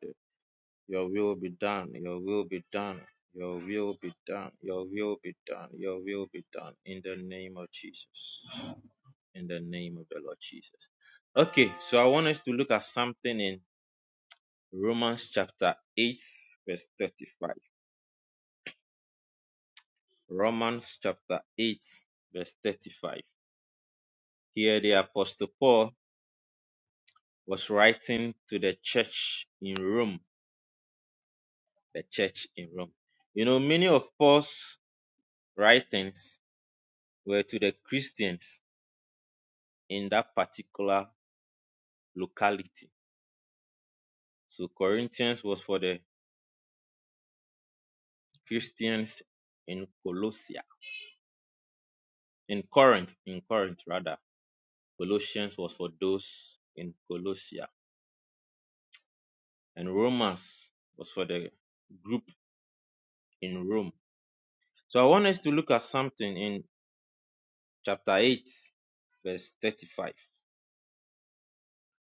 Your will be done. Your will be done. Your will be done. Your will be done. Your will be done. In the name of Jesus. In the name of the Lord Jesus. Okay, so I want us to look at something in Romans chapter 8, verse 35. Romans chapter 8, verse 35. Here the Apostle Paul was writing to the church in Rome. The church in Rome. You know, many of Paul's writings were to the Christians in that particular locality. So Corinthians was for the Christians in Colossia, in Corinth, in Corinth rather. Colossians was for those in Colossia, and Romans was for the group in Rome. So I want us to look at something in chapter 8, verse 35.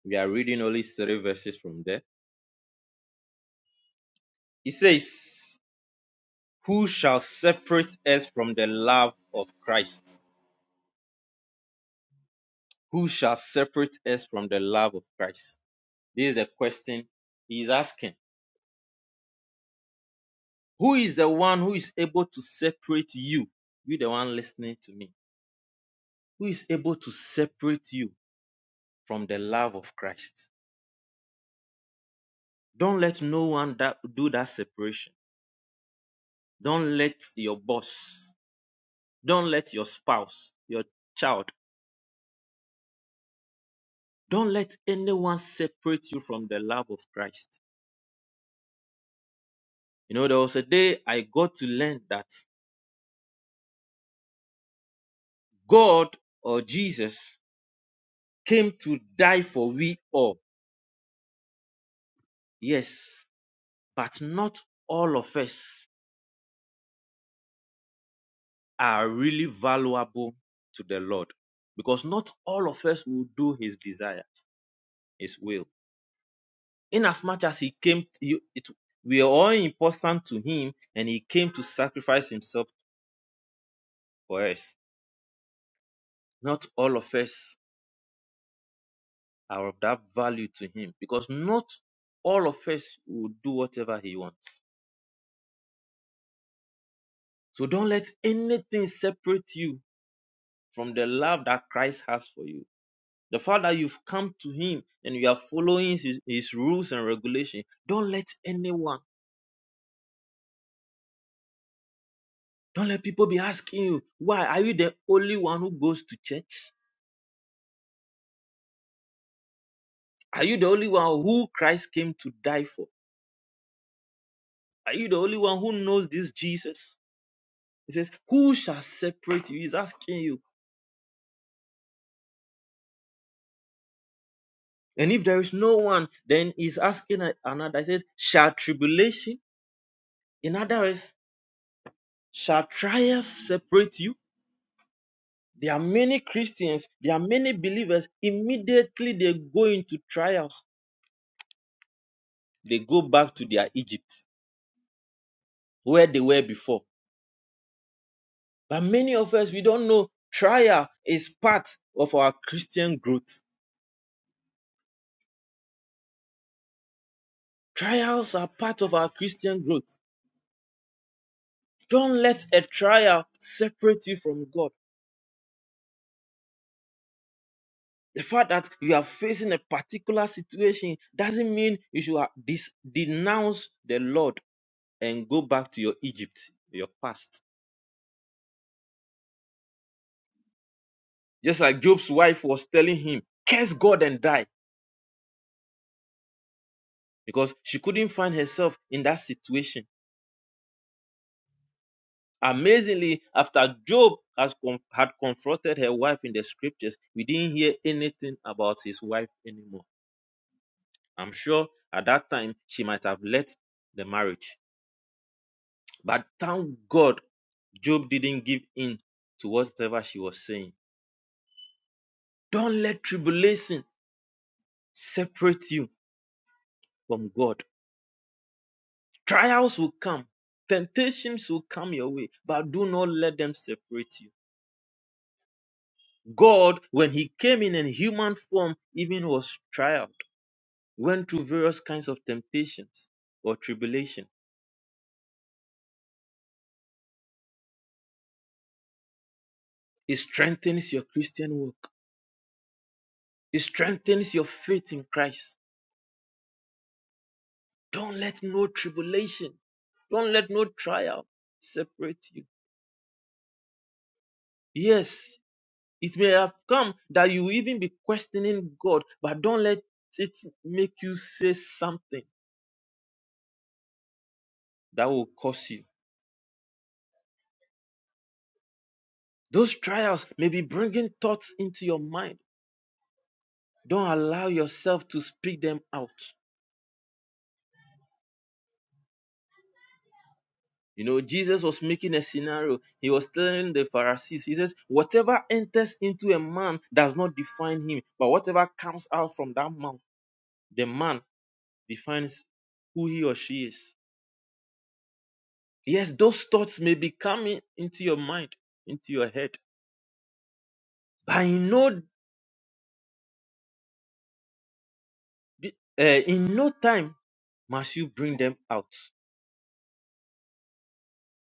We are reading only three verses from there. It says, Who shall separate us from the love of Christ? Who shall separate us from the love of Christ? This is the question he is asking. Who is the one who is able to separate you? You, the one listening to me. Who is able to separate you from the love of Christ? Don't let no one that, do that separation. Don't let your boss, don't let your spouse, your child, don't let anyone separate you from the love of Christ. You know, there was a day I got to learn that God or Jesus came to die for we all. Yes, but not all of us are really valuable to the Lord because not all of us will do his desires, his will. Inasmuch as much as he came, he, it, we are all important to him and he came to sacrifice himself for us. Not all of us are of that value to him because not all of us will do whatever he wants. So don't let anything separate you from the love that Christ has for you. The fact that you've come to Him and you are following His, his rules and regulations. Don't let anyone, don't let people be asking you, why are you the only one who goes to church? Are you the only one who Christ came to die for? Are you the only one who knows this Jesus? He says, Who shall separate you? He's asking you. And if there is no one, then he's asking another. He says, Shall tribulation, in other words, shall trials separate you? There are many Christians, there are many believers, immediately they go into trials. They go back to their Egypt where they were before. But many of us, we don't know trial is part of our Christian growth. Trials are part of our Christian growth. Don't let a trial separate you from God. The fact that you are facing a particular situation doesn't mean you should dis- denounce the Lord and go back to your Egypt, your past. Just like Job's wife was telling him, curse God and die, because she couldn't find herself in that situation. Amazingly, after Job has con- had confronted her wife in the scriptures, we didn't hear anything about his wife anymore. I'm sure at that time she might have left the marriage. But thank God Job didn't give in to whatever she was saying. Don't let tribulation separate you from God. Trials will come, temptations will come your way, but do not let them separate you. God, when He came in a human form, even was trialed, went through various kinds of temptations or tribulation. It strengthens your Christian work. it strengthens your faith in Christ. Don't let no tribulation, don't let no trial separate you. Yes, it may have come that you even be questioning God, but don't let it make you say something that will curse you. Those trials may be bringing thoughts into your mind. Don't allow yourself to speak them out. You know, Jesus was making a scenario. He was telling the Pharisees, He says, Whatever enters into a man does not define him, but whatever comes out from that mouth, the man defines who he or she is. Yes, those thoughts may be coming into your mind, into your head, but in no, uh, in no time must you bring them out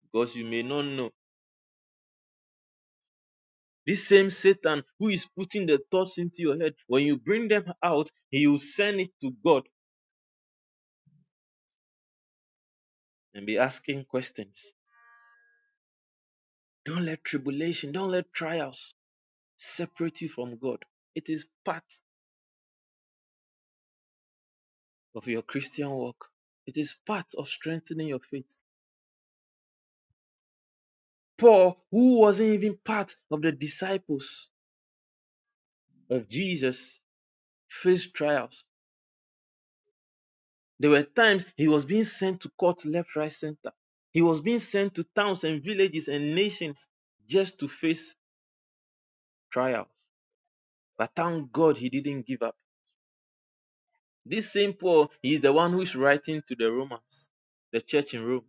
because you may not know This same Satan who is putting the thoughts into your head, when you bring them out, he will send it to God and be asking questions. Don't let tribulation, don't let trials separate you from God. It is part of your Christian walk, it is part of strengthening your faith. Paul, who wasn't even part of the disciples of Jesus, faced trials. There were times he was being sent to court left, right, center. He was being sent to towns and villages and nations just to face trials. But thank God he didn't give up. This same Paul, he is the one who is writing to the Romans, the church in Rome.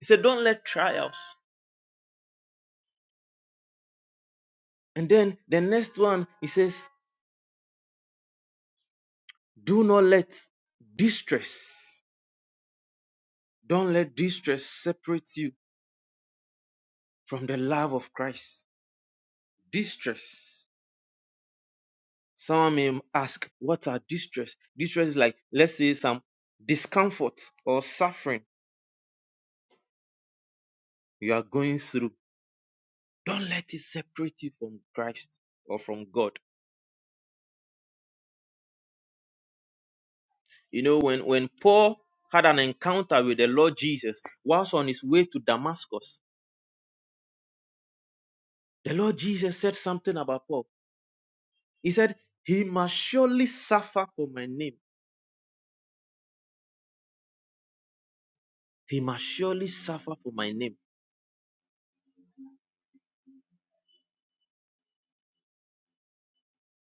He said, Don't let trials. And then the next one, he says, Do not let distress, don't let distress separate you from the love of Christ. Distress. Some may ask, What are distress? Distress is like, let's say, some discomfort or suffering you are going through. Don't let it separate you from Christ or from God. You know, when, when Paul had an encounter with the Lord Jesus whilst on his way to Damascus, the Lord Jesus said something about Paul. He said, He must surely suffer for my name. He must surely suffer for my name.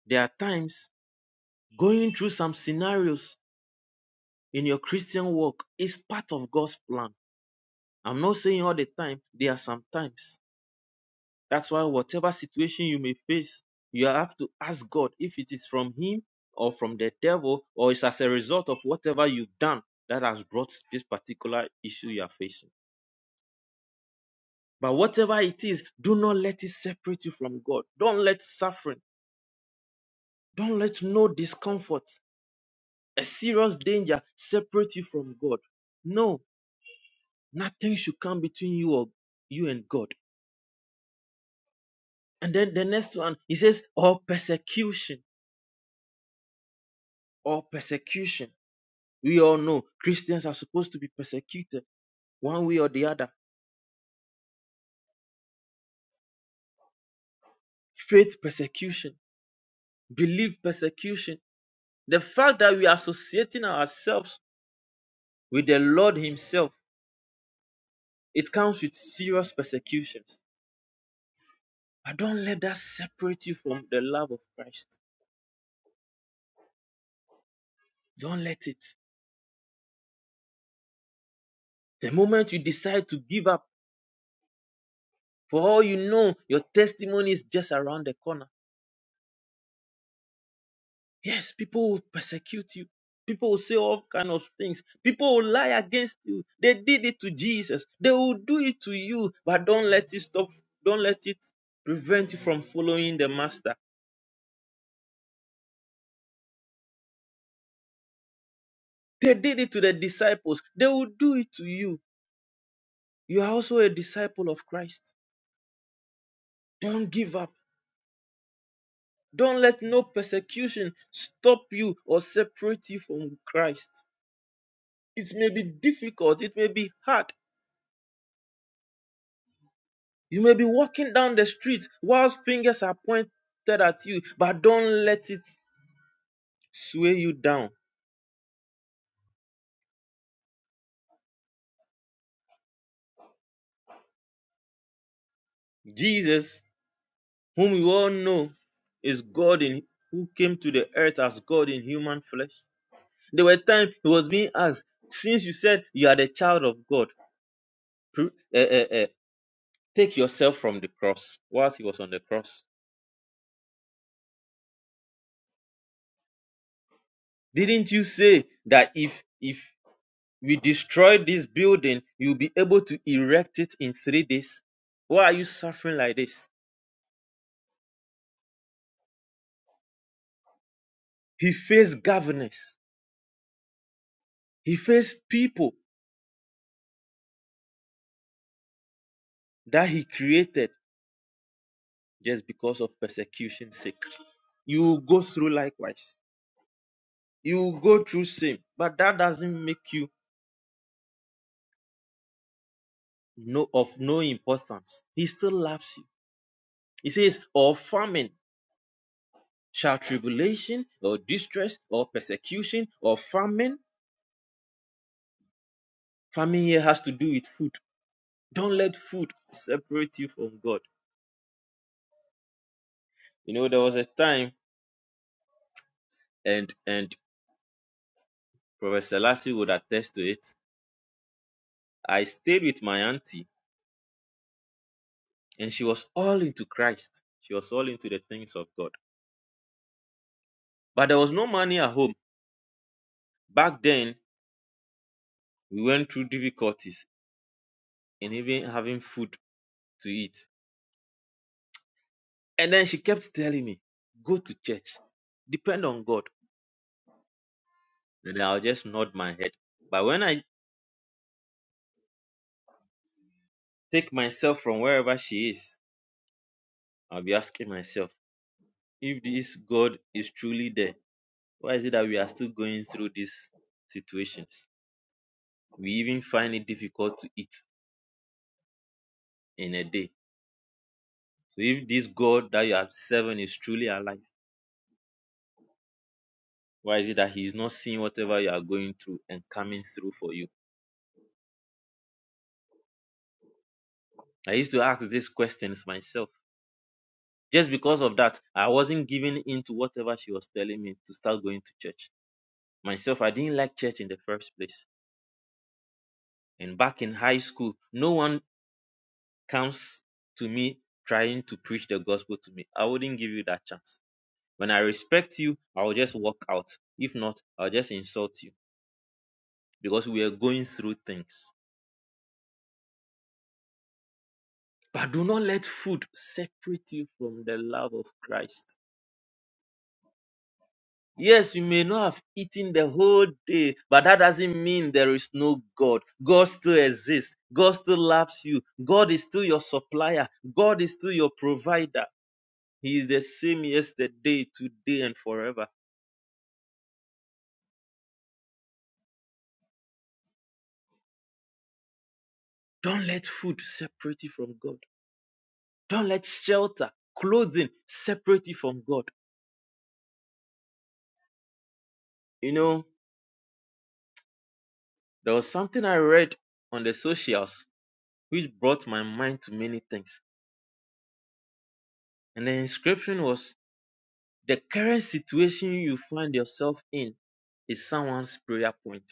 There are times going through some scenarios in your Christian walk is part of God's plan. I'm not saying all the time, there are some times. That's why whatever situation you may face, you have to ask God if it is from Him or from the devil or it's as a result of whatever you've done that has brought this particular issue you are facing. But whatever it is, do not let it separate you from God. Don't let suffering, don't let no discomfort, a serious danger separate you from God. No, nothing should come between you or you and God. And then the next one, he says, or persecution, or persecution. We all know Christians are supposed to be persecuted one way or the other. Faith persecution, belief persecution. The fact that we are associating ourselves with the Lord Himself, it comes with serious persecutions. But don't let that separate you from the love of Christ. Don't let it. The moment you decide to give up, for all you know, your testimony is just around the corner. Yes, people will persecute you. People will say all kind of things. People will lie against you. They did it to Jesus. They will do it to you, but don't let it stop. Don't let it prevent you from following the master. They did it to the disciples. They will do it to you. You are also a disciple of Christ. Don't give up. Don't let no persecution stop you or separate you from Christ. It may be difficult. It may be hard. You may be walking down the street whilst fingers are pointed at you, but don't let it sway you down. Jesus, whom we all know, is God in who came to the earth as God in human flesh. There were times he was being asked, since you said you are the child of God, pr- eh, eh, eh, take yourself from the cross whilst he was on the cross. Didn't you say that if if We destroy this building, you'll be able to erect it in three days. Why are you suffering like this? He faced governors, he faced people that he created just because of persecution's sake. You will go through likewise. You will go through same, but that doesn't make you no of no importance. He still loves you. He says, or famine, shall tribulation, or distress, or persecution, or famine. Famine here has to do with food Don't let food separate you from God. You know, there was a time, and and Professor Selassie would attest to it. I stayed with my auntie, and she was all into Christ. She was all into the things of God. But there was no money at home. Back then, we went through difficulties in even having food to eat. And then she kept telling me, go to church, depend on God. And I'll just nod my head. But when I take myself from wherever she is, I'll be asking myself, If this God is truly there, why is it that we are still going through these situations? We even find it difficult to eat in a day. So if this God that you are serving is truly alive, why is it that He is not seeing whatever you are going through and coming through for you? I used to ask these questions myself. Just because of that, I wasn't giving in to whatever she was telling me to start going to church. Myself, I didn't like church in the first place. And back in high school, no one comes to me trying to preach the gospel to me, I wouldn't give you that chance. When I respect you, I will just walk out. If not, I'll just insult you because we are going through things. But do not let food separate you from the love of Christ. Yes, you may not have eaten the whole day, but that doesn't mean there is no God. God still exists. God still loves you. God is still your supplier. God is still your provider. He is the same yesterday, today, and forever. Don't let food separate you from God. Don't let shelter, clothing separate you from God. You know, there was something I read on the socials which brought my mind to many things. And the inscription was the current situation you find yourself in is someone's prayer point.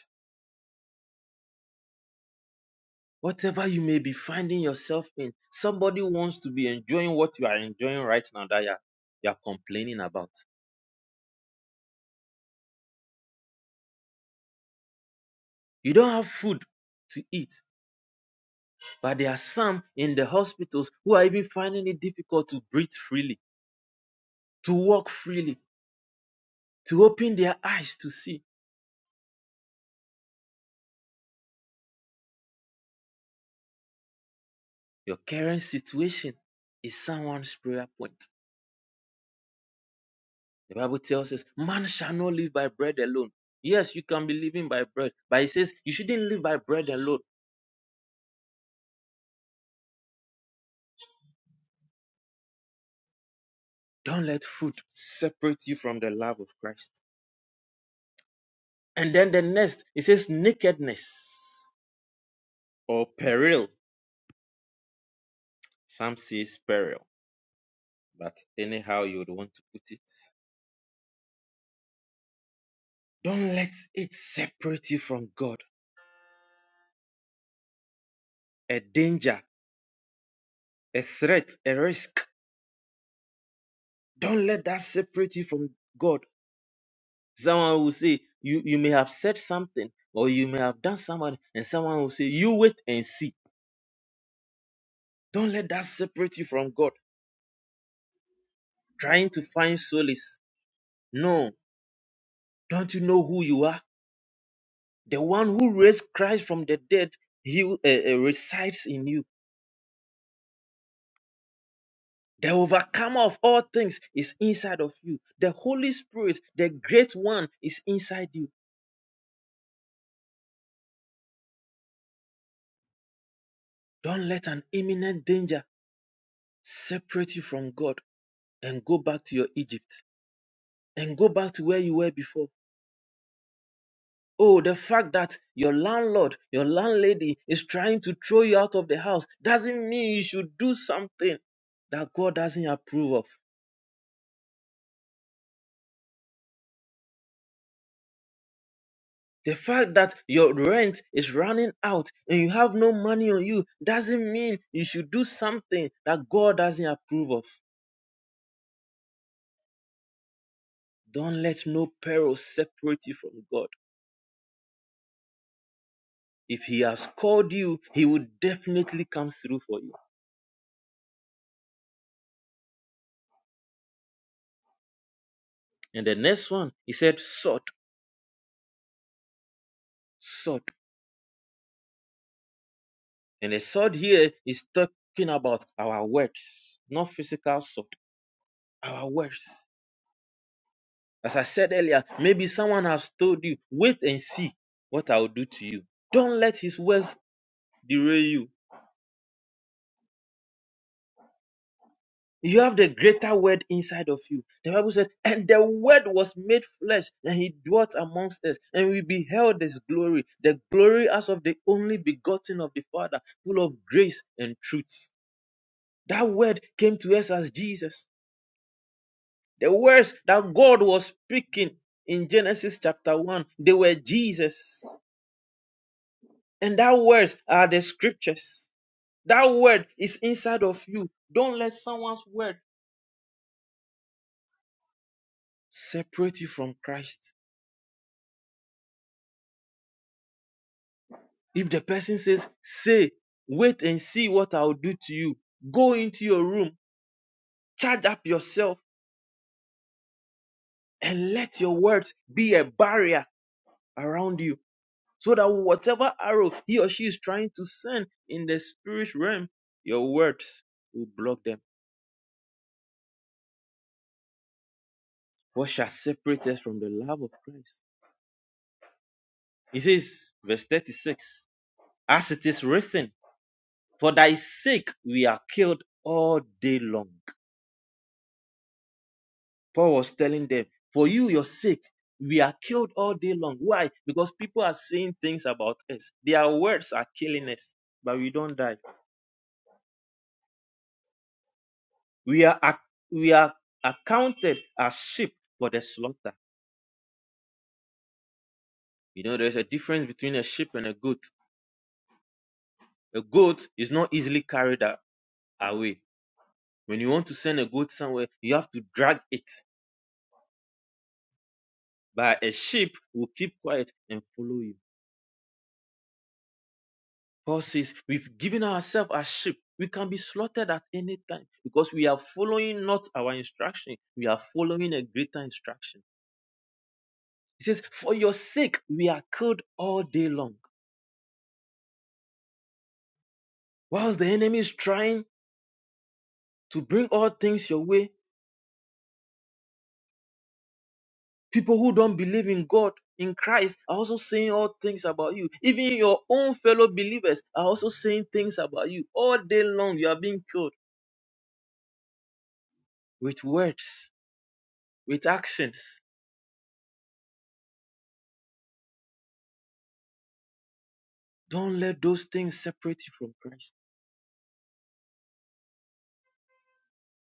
Whatever you may be finding yourself in, somebody wants to be enjoying what you are enjoying right now that you are, you are complaining about. You don't have food to eat, But there are some in the hospitals who are even finding it difficult to breathe freely, to walk freely, to open their eyes to see. Your current situation is someone's prayer point. The Bible tells us, man shall not live by bread alone. Yes, you can be living by bread, but it says you shouldn't live by bread alone. Don't let food separate you from the love of Christ. And then the next, it says nakedness or peril. Some says peril, but anyhow you would want to put it. Don't let it separate you from God. A danger, a threat, a risk. Don't let that separate you from God. Someone will say, you, you may have said something or you may have done something, and someone will say, You wait and see. Don't let that separate you from God. Trying to find solace. No, don't you know who you are? The one who raised Christ from the dead, he uh, uh, resides in you. The overcomer of all things is inside of you. The Holy Spirit, the great one, is inside you. Don't let an imminent danger separate you from God and go back to your Egypt and go back to where you were before. Oh, the fact that your landlord, your landlady is trying to throw you out of the house doesn't mean you should do something that God doesn't approve of. The fact that your rent is running out and you have no money on you doesn't mean you should do something that God doesn't approve of. Don't let no peril separate you from God. If He has called you, He will definitely come through for you. And the next one, He said, sort, sort. And the sort here is talking about our words, not physical sort, our words. As I said earlier, maybe someone has told you, wait and see what I'll do to you. Don't let his words derail you. You have the greater word inside of you. The Bible said, and the word was made flesh, and he dwelt amongst us, and we beheld his glory, the glory as of the only begotten of the Father, full of grace and truth. That word came to us as Jesus. The words that God was speaking in Genesis chapter 1, they were Jesus. And that words are the scriptures. That word is inside of you. Don't let someone's word separate you from Christ. If the person says, Say, wait and see what I'll do to you, go into your room, charge up yourself, and let your words be a barrier around you so that whatever arrow he or she is trying to send in the spirit realm, your words will block them. What shall separate us from the love of Christ? He says, verse 36, as it is written, for thy sake we are killed all day long. Paul was telling them, For you, your sake, we are killed all day long. Why? Because people are saying things about us. Their words are killing us, but we don't die. We are ac- we are accounted as sheep for the slaughter. You know, there's a difference between a sheep and a goat. A goat is not easily carried a- away. When you want to send a goat somewhere, you have to drag it. But a sheep will keep quiet and follow you. Paul says, We've given ourselves as sheep. We can be slaughtered at any time because we are following not our instruction, we are following a greater instruction. He says, For your sake, we are killed all day long. Whilst the enemy is trying to bring all things your way, people who don't believe in God, in Christ, are also saying all things about you. Even your own fellow believers are also saying things about you. All day long, you are being killed with words, with actions. Don't let those things separate you from Christ.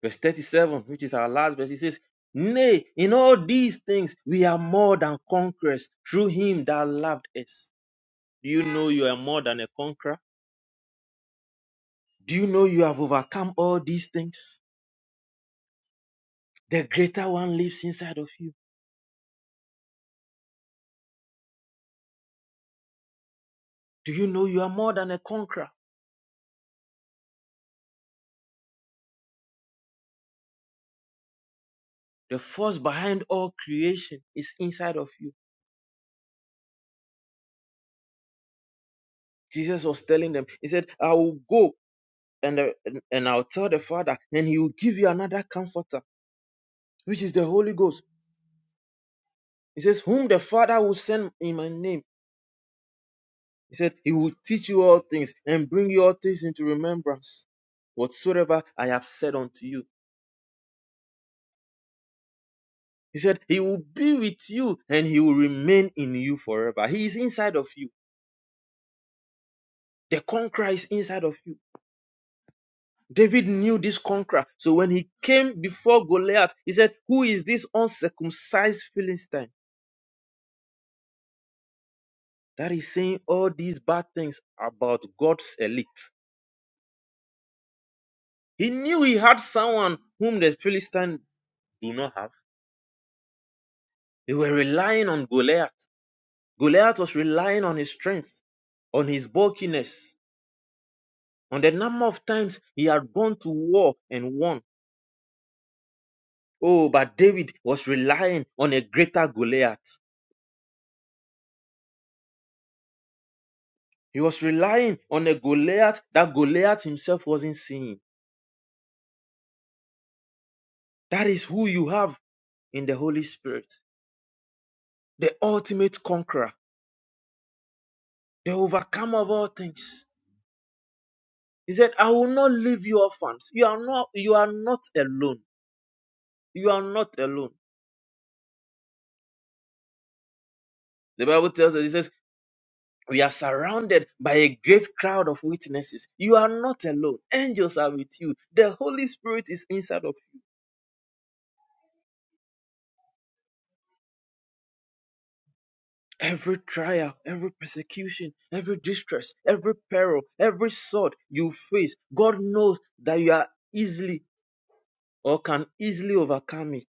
Verse 37, which is our last verse, it says, Nay, in all these things we are more than conquerors through him that loved us. Do you know you are more than a conqueror? Do you know you have overcome all these things? The greater one lives inside of you. Do you know you are more than a conqueror? The force behind all creation is inside of you. Jesus was telling them, He said, I will go and, uh, and and I'll tell the Father, and He will give you another comforter, which is the Holy Ghost He says, Whom the Father will send in my name. He said, He will teach you all things and bring you all things into remembrance, whatsoever I have said unto you. He said, He will be with you and He will remain in you forever. He is inside of you. The conqueror is inside of you. David knew this conqueror. So when he came before Goliath, he said, Who is this uncircumcised Philistine that is saying all these bad things about God's elite? He knew he had someone whom the Philistine do not have. They were relying on Goliath. Goliath was relying on his strength, on his bulkiness, on the number of times he had gone to war and won. Oh, but David was relying on a greater Goliath. He was relying on a Goliath that Goliath himself wasn't seeing. That is who you have in the Holy Spirit, the ultimate conqueror, the overcomer of all things. He said, I will not leave you orphans. You are not, you are not alone. You are not alone. The Bible tells us, it says, We are surrounded by a great crowd of witnesses. You are not alone. Angels are with you. The Holy Spirit is inside of you. Every trial, every persecution, every distress, every peril, every sword you face, God knows that you are easily or can easily overcome it.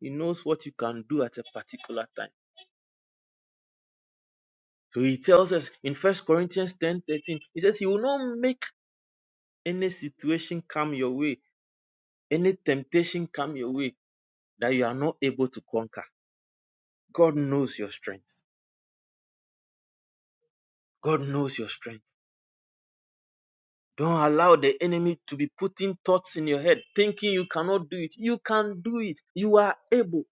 He knows what you can do at a particular time. So he tells us in First Corinthians ten thirteen, he says, He will not make any situation come your way, any temptation come your way that you are not able to conquer. God knows your strength. God knows your strength. Don't allow the enemy to be putting thoughts in your head, thinking you cannot do it. You can do it. You are able.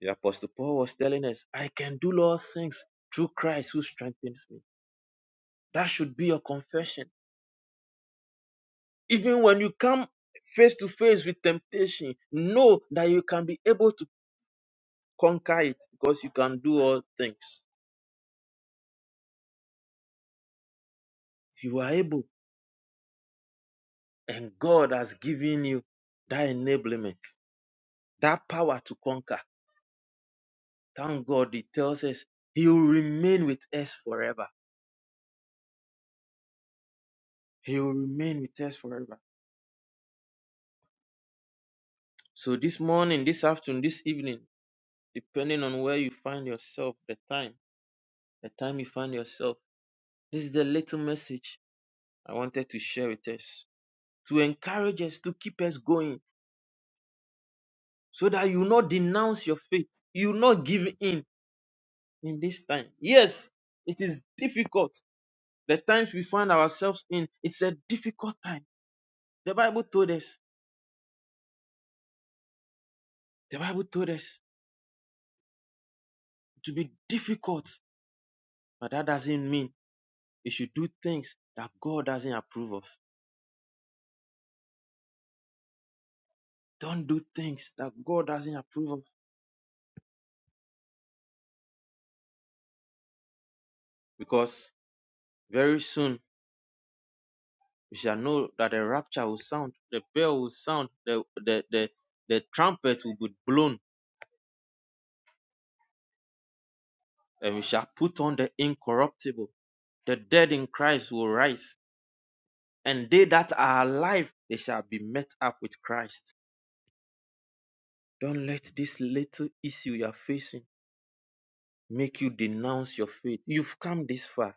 The Apostle Paul was telling us, I can do all things through Christ who strengthens me. That should be your confession. Even when you come face to face with temptation, know that you can be able to conquer it because you can do all things. You are able, and God has given you that enablement, that power to conquer. Thank God it tells us he will remain with us forever. He will remain with us forever. So this morning, this afternoon, this evening, depending on where you find yourself, the time, the time you find yourself, this is the little message I wanted to share with us to encourage us to keep us going so that you not denounce your faith. You not give in in this time. Yes, it is difficult. The times we find ourselves in, it's a difficult time. The Bible told us. The Bible told us. to be difficult. But that doesn't mean you should do things that God doesn't approve of. Don't do things that God doesn't approve of. Because very soon you shall know that the rapture will sound, the bell will sound, the the the, the trumpet will be blown, and we shall put on the incorruptible. The dead in Christ will rise, and they that are alive they shall be met up with Christ. Don't let this little issue you are facing make you denounce your faith. You've come this far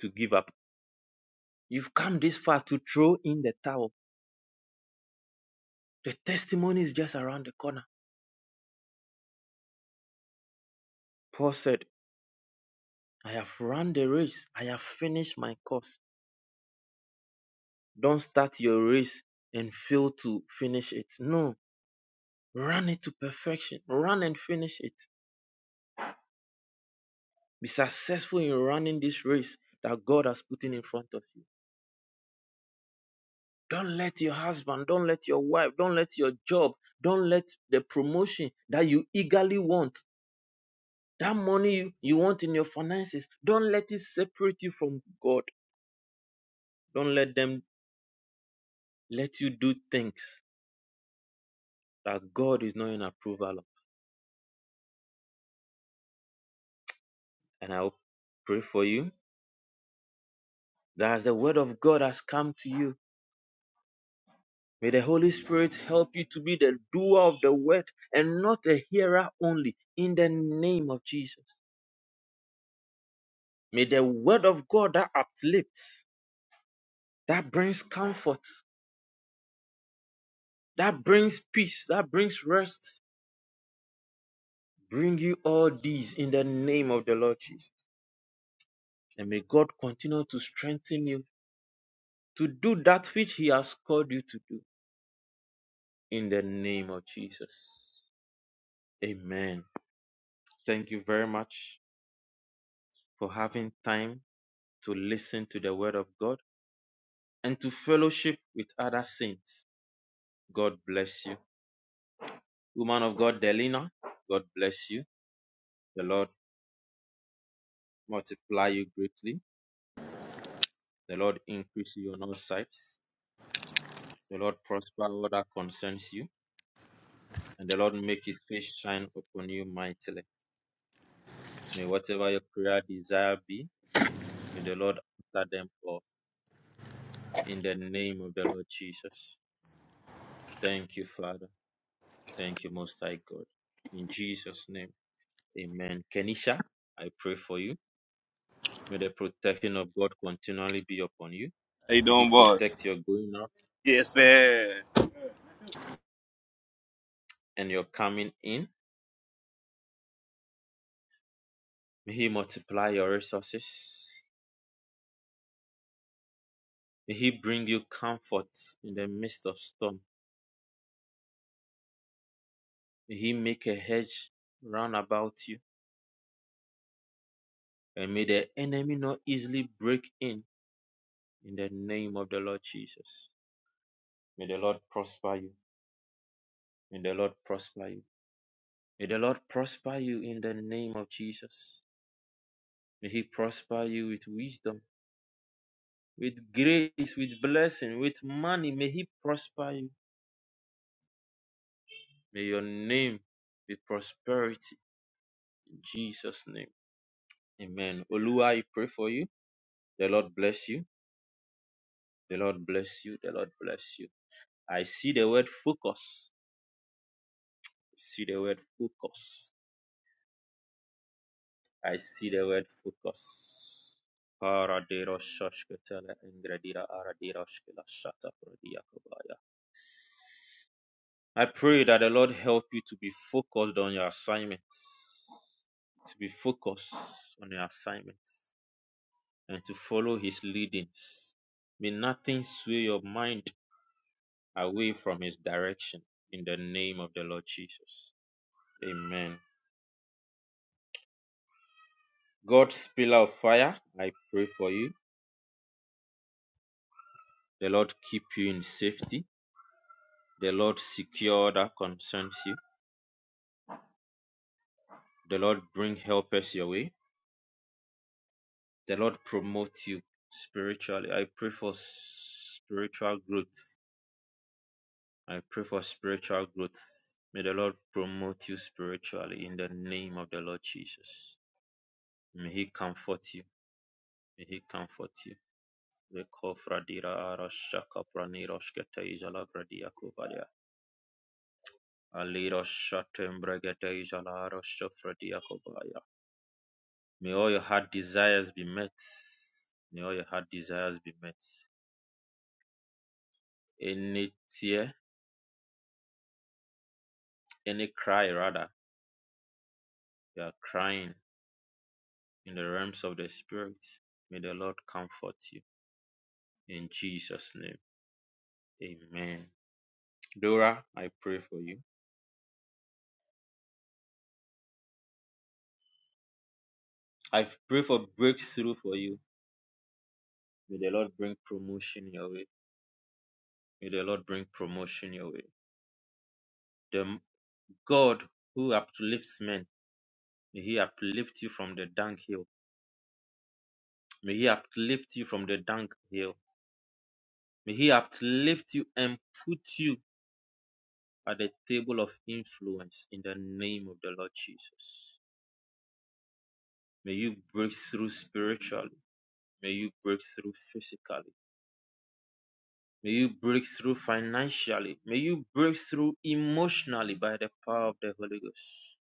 to give up. You've come this far to throw in the towel. The testimony is just around the corner. Paul said, I have run the race. I have finished my course. Don't start your race and fail to finish it. No, run it to perfection. Run and finish it. Be successful in running this race that God has put in in front of you. Don't let your husband, don't let your wife, don't let your job, don't let the promotion that you eagerly want That money you you want in your finances, don't let it separate you from God. Don't let them let you do things that God is not in approval of. And I'll pray for you that as the word of God has come to you, may the Holy Spirit help you to be the doer of the word and not a hearer only in the name of Jesus. May the word of God that uplifts, that brings comfort, that brings peace, that brings rest, bring you all these in the name of the Lord Jesus. And may God continue to strengthen you to do that which He has called you to do in the name of Jesus. Amen. Thank you very much for having time to listen to the Word of God and to fellowship with other saints. God bless you. Woman of God, Delina, God bless you. The Lord multiply you greatly. The Lord increase you on all sides. The Lord prosper all that concerns you. And the Lord make his face shine upon you mightily. May whatever your prayer desire be, may the Lord answer them all in the name of the Lord Jesus. Thank you, Father. Thank you, Most High God. In Jesus' name, amen. Kenisha, I pray for you. May the protection of God continually be upon you.
How you
May He
doing, boss?
protect your going out
Yes, sir.
and your coming in. May He multiply your resources. May He bring you comfort in the midst of storm. May He make a hedge round about you. And may the enemy not easily break in in the name of the Lord Jesus. May the Lord prosper you. May the Lord prosper you. May the Lord prosper you in the name of Jesus. May He prosper you with wisdom, with grace, with blessing, with money. May He prosper you. May your name be prosperity in Jesus' name. Amen. Olua, I pray for you. The Lord bless you. The Lord bless you. The Lord bless you. I see the word focus. I see the word focus. I see the word focus. Paraderoshashkatele ingredira aradirashkelashata prodiakobaya. I pray that the Lord help you to be focused on your assignments, to be focused on your assignments, and to follow His leadings. May nothing sway your mind away from His direction in the name of the Lord Jesus. Amen. God's pillar of fire, I pray for you. The Lord keep you in safety. The Lord secure that concerns you. The Lord bring helpers your way. The Lord promote you spiritually. I pray for spiritual growth. I pray for spiritual growth. May the Lord promote you spiritually in the name of the Lord Jesus. May He comfort you. May He comfort you. Rekofradira arashaka praniroshkete izalabradiakobaya. Aliroshate May all your heart desires be met. May all your heart desires be met. Any tear, any cry rather, you are crying in the realms of the spirit. May the Lord comfort you. In Jesus' name. Amen. Dora, I pray for you. I pray for breakthrough for you. May the Lord bring promotion your way. May the Lord bring promotion your way. The God who uplifts men, may He uplift you from the dunghill. May He uplift you from the dunghill May He uplift you and put you at the table of influence in the name of the Lord Jesus. May you break through spiritually. May you break through physically. May you break through financially. May you break through emotionally by the power of the Holy Ghost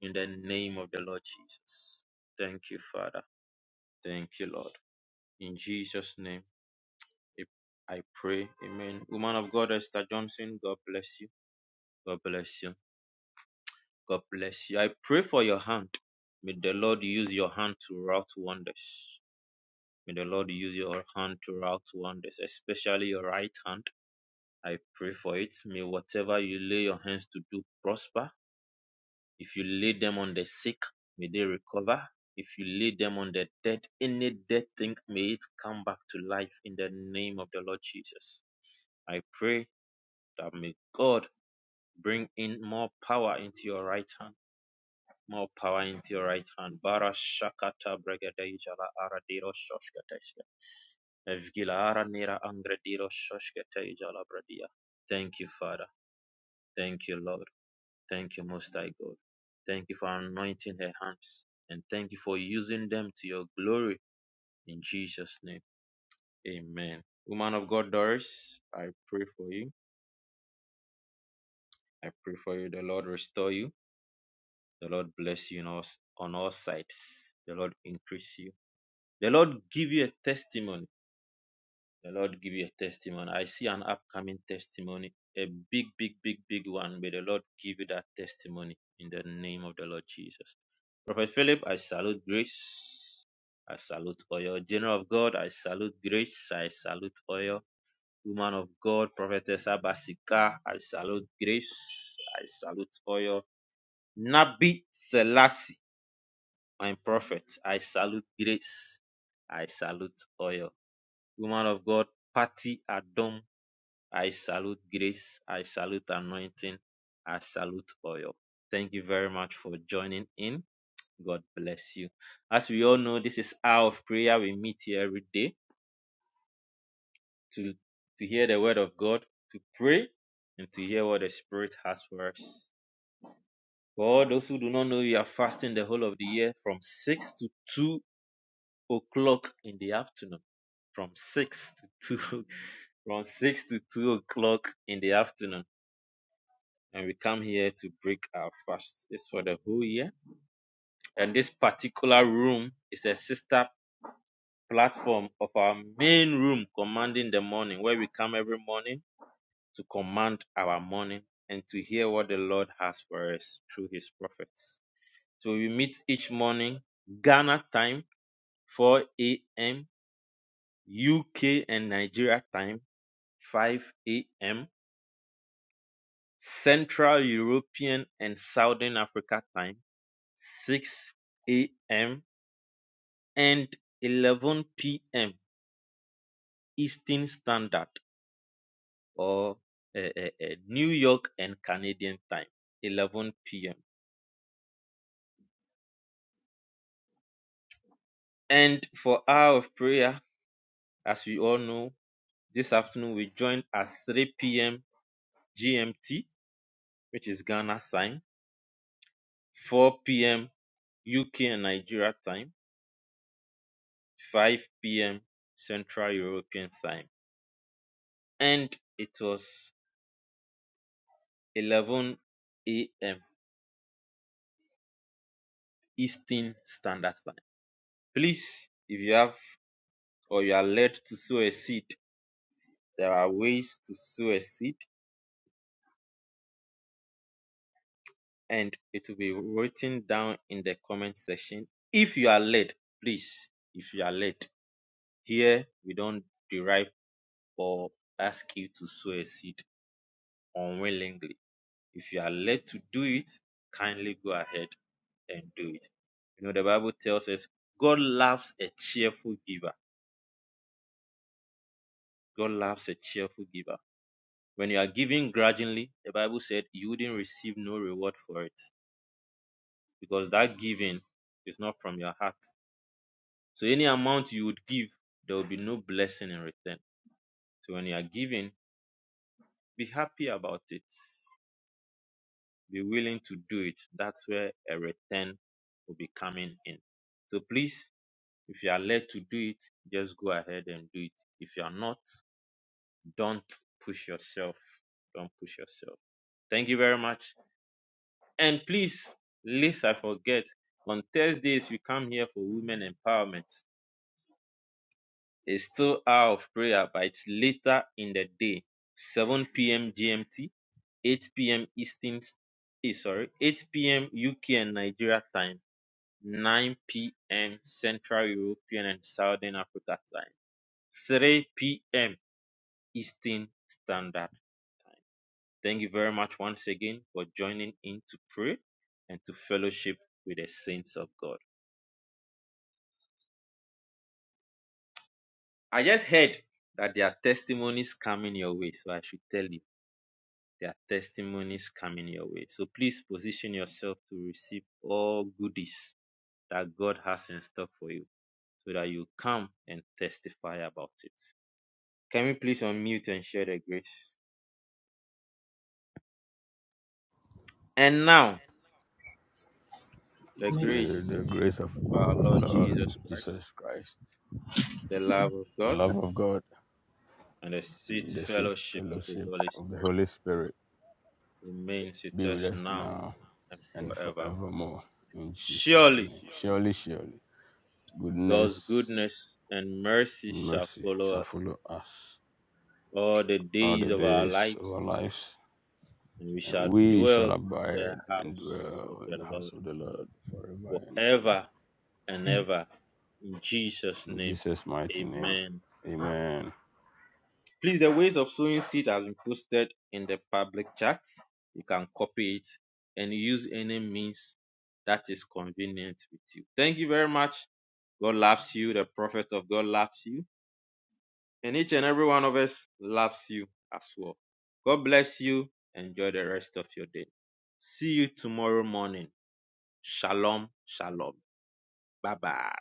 in the name of the Lord Jesus. Thank you, Father. Thank you, Lord. In Jesus' name, I pray. Amen. Woman of God, Esther Johnson, God bless you. God bless you. God bless you. I pray for your hand. May the Lord use your hand to wrought wonders. May the Lord use your hand to wrought wonders, especially your right hand. I pray for it. May whatever you lay your hands to do prosper. If you lay them on the sick, may they recover. If you lay them on the dead, any dead thing, may it come back to life in the name of the Lord Jesus. I pray that may God bring in more power into your right hand More power into your right hand. Bara shakata bregadeja la aradiro shoshkateshka. Evgila aranira angrediro shoshkateshka la bradia. Thank you, Father. Thank you, Lord. Thank you, Most High God. Thank you for anointing her hands. And thank you for using them to your glory. In Jesus' name, amen. Woman of God, Doris, I pray for you. I pray for you. The Lord restore you. The Lord bless you on all, on all sides. The Lord increase you The Lord give you a testimony. The Lord give you a testimony. I see an upcoming testimony, a big, big, big, big one. May the Lord give you that testimony in the name of the Lord Jesus. Prophet Philip, I salute grace. I salute oil. General of God, I salute grace. I salute oil. Woman of God, Prophetess Abasika, I salute grace. I salute oil. Nabi Selassie, my prophet, I salute grace. I salute oil. Woman of God, Patty Adom, I salute grace. I salute anointing. I salute oil. Thank you very much for joining in. God bless you. As we all know, this is hour of prayer. We meet here every day to, to hear the word of God, to pray, and to hear what the Spirit has for us. For all those who do not know, we are fasting the whole of the year from 6 to 2 o'clock in the afternoon. From six to two, from six to two o'clock in the afternoon, and we come here to break our fast. It's for the whole year, and this particular room is a sister platform of our main room, commanding the morning, where we come every morning to command our morning and to hear what the Lord has for us through His prophets. So we meet each morning, Ghana time, 4 a.m. UK and Nigeria time, 5 a.m. Central European and Southern Africa time, 6 a.m. and 11 p.m. Eastern Standard or uh, uh, uh, New York and Canadian time, 11 p.m. And for hour of prayer, as we all know, this afternoon we joined at 3 p.m. GMT, which is Ghana time 4 p.m. UK and Nigeria time, 5 p.m. Central European time, and it was 11 a.m. Eastern Standard Time. Please, if you have or you are led to sow a seed, there are ways to sow a seed, and it will be written down in the comment section. If you are led, please, if you are led, here we don't derive or ask you to sow a seed unwillingly If you are led to do it, kindly go ahead and do it. You know, the Bible tells us God loves a cheerful giver. God loves a cheerful giver. When you are giving grudgingly, the Bible said you wouldn't receive no reward for it because that giving is not from your heart. So any amount you would give, there will be no blessing in return. So when you are giving, be happy about it. Be willing to do it. That's where a return will be coming in. So please If you are led to do it, just go ahead and do it. If you are not, don't push yourself. Don't push yourself. Thank you very much. And please, lest I forget, on Thursdays we come here for women empowerment. It's still hour of prayer, but it's later in the day, 7 p.m. GMT, 8 p.m. Eastern, eh, sorry, 8 p.m. UK and Nigeria time, 9 p.m. Central European and Southern Africa time, 3 p.m. Eastern Standard Time. Thank you very much once again for joining in to pray and to fellowship with the saints of God. I just heard that there are testimonies coming your way, so I should tell you there are testimonies coming your way. So please position yourself to receive all goodies that God has in store for you so that you come and testify about it. Can we please unmute and share the grace? And now, the
With the
grace
grace of
of our
our
Lord
Lord
Jesus Christ
Jesus Christ,
the love of
the
God,
love of God,
and the sweet
and the sweet
fellowship of the
fellowship
Holy
of the
Spirit
Holy Spirit
remains with
be with
us
us
now
now
and
and
forevermore.
forevermore. In Jesus'
Surely
name. Surely, surely, goodness
God's goodness and mercy
and
shall
mercy
follow
shall
us
follow us
all the
all
days
the
of our
days of our
lives,
lives,
and we shall
and we
dwell
shall
in the
abide and
house of
dwell in
the
the house
Lord
of the Lord forever and
forever
ever.
and ever. In Jesus'
In
name,
Jesus' mighty name,
amen.
amen.
Please, the ways of sowing seed has been posted in the public chat. You can copy it and use any means that is convenient with you. Thank you very much. God loves you. The prophet of God loves you. And each and every one of us loves you as well. God bless you. Enjoy the rest of your day. See you tomorrow morning. Shalom, shalom. Bye bye.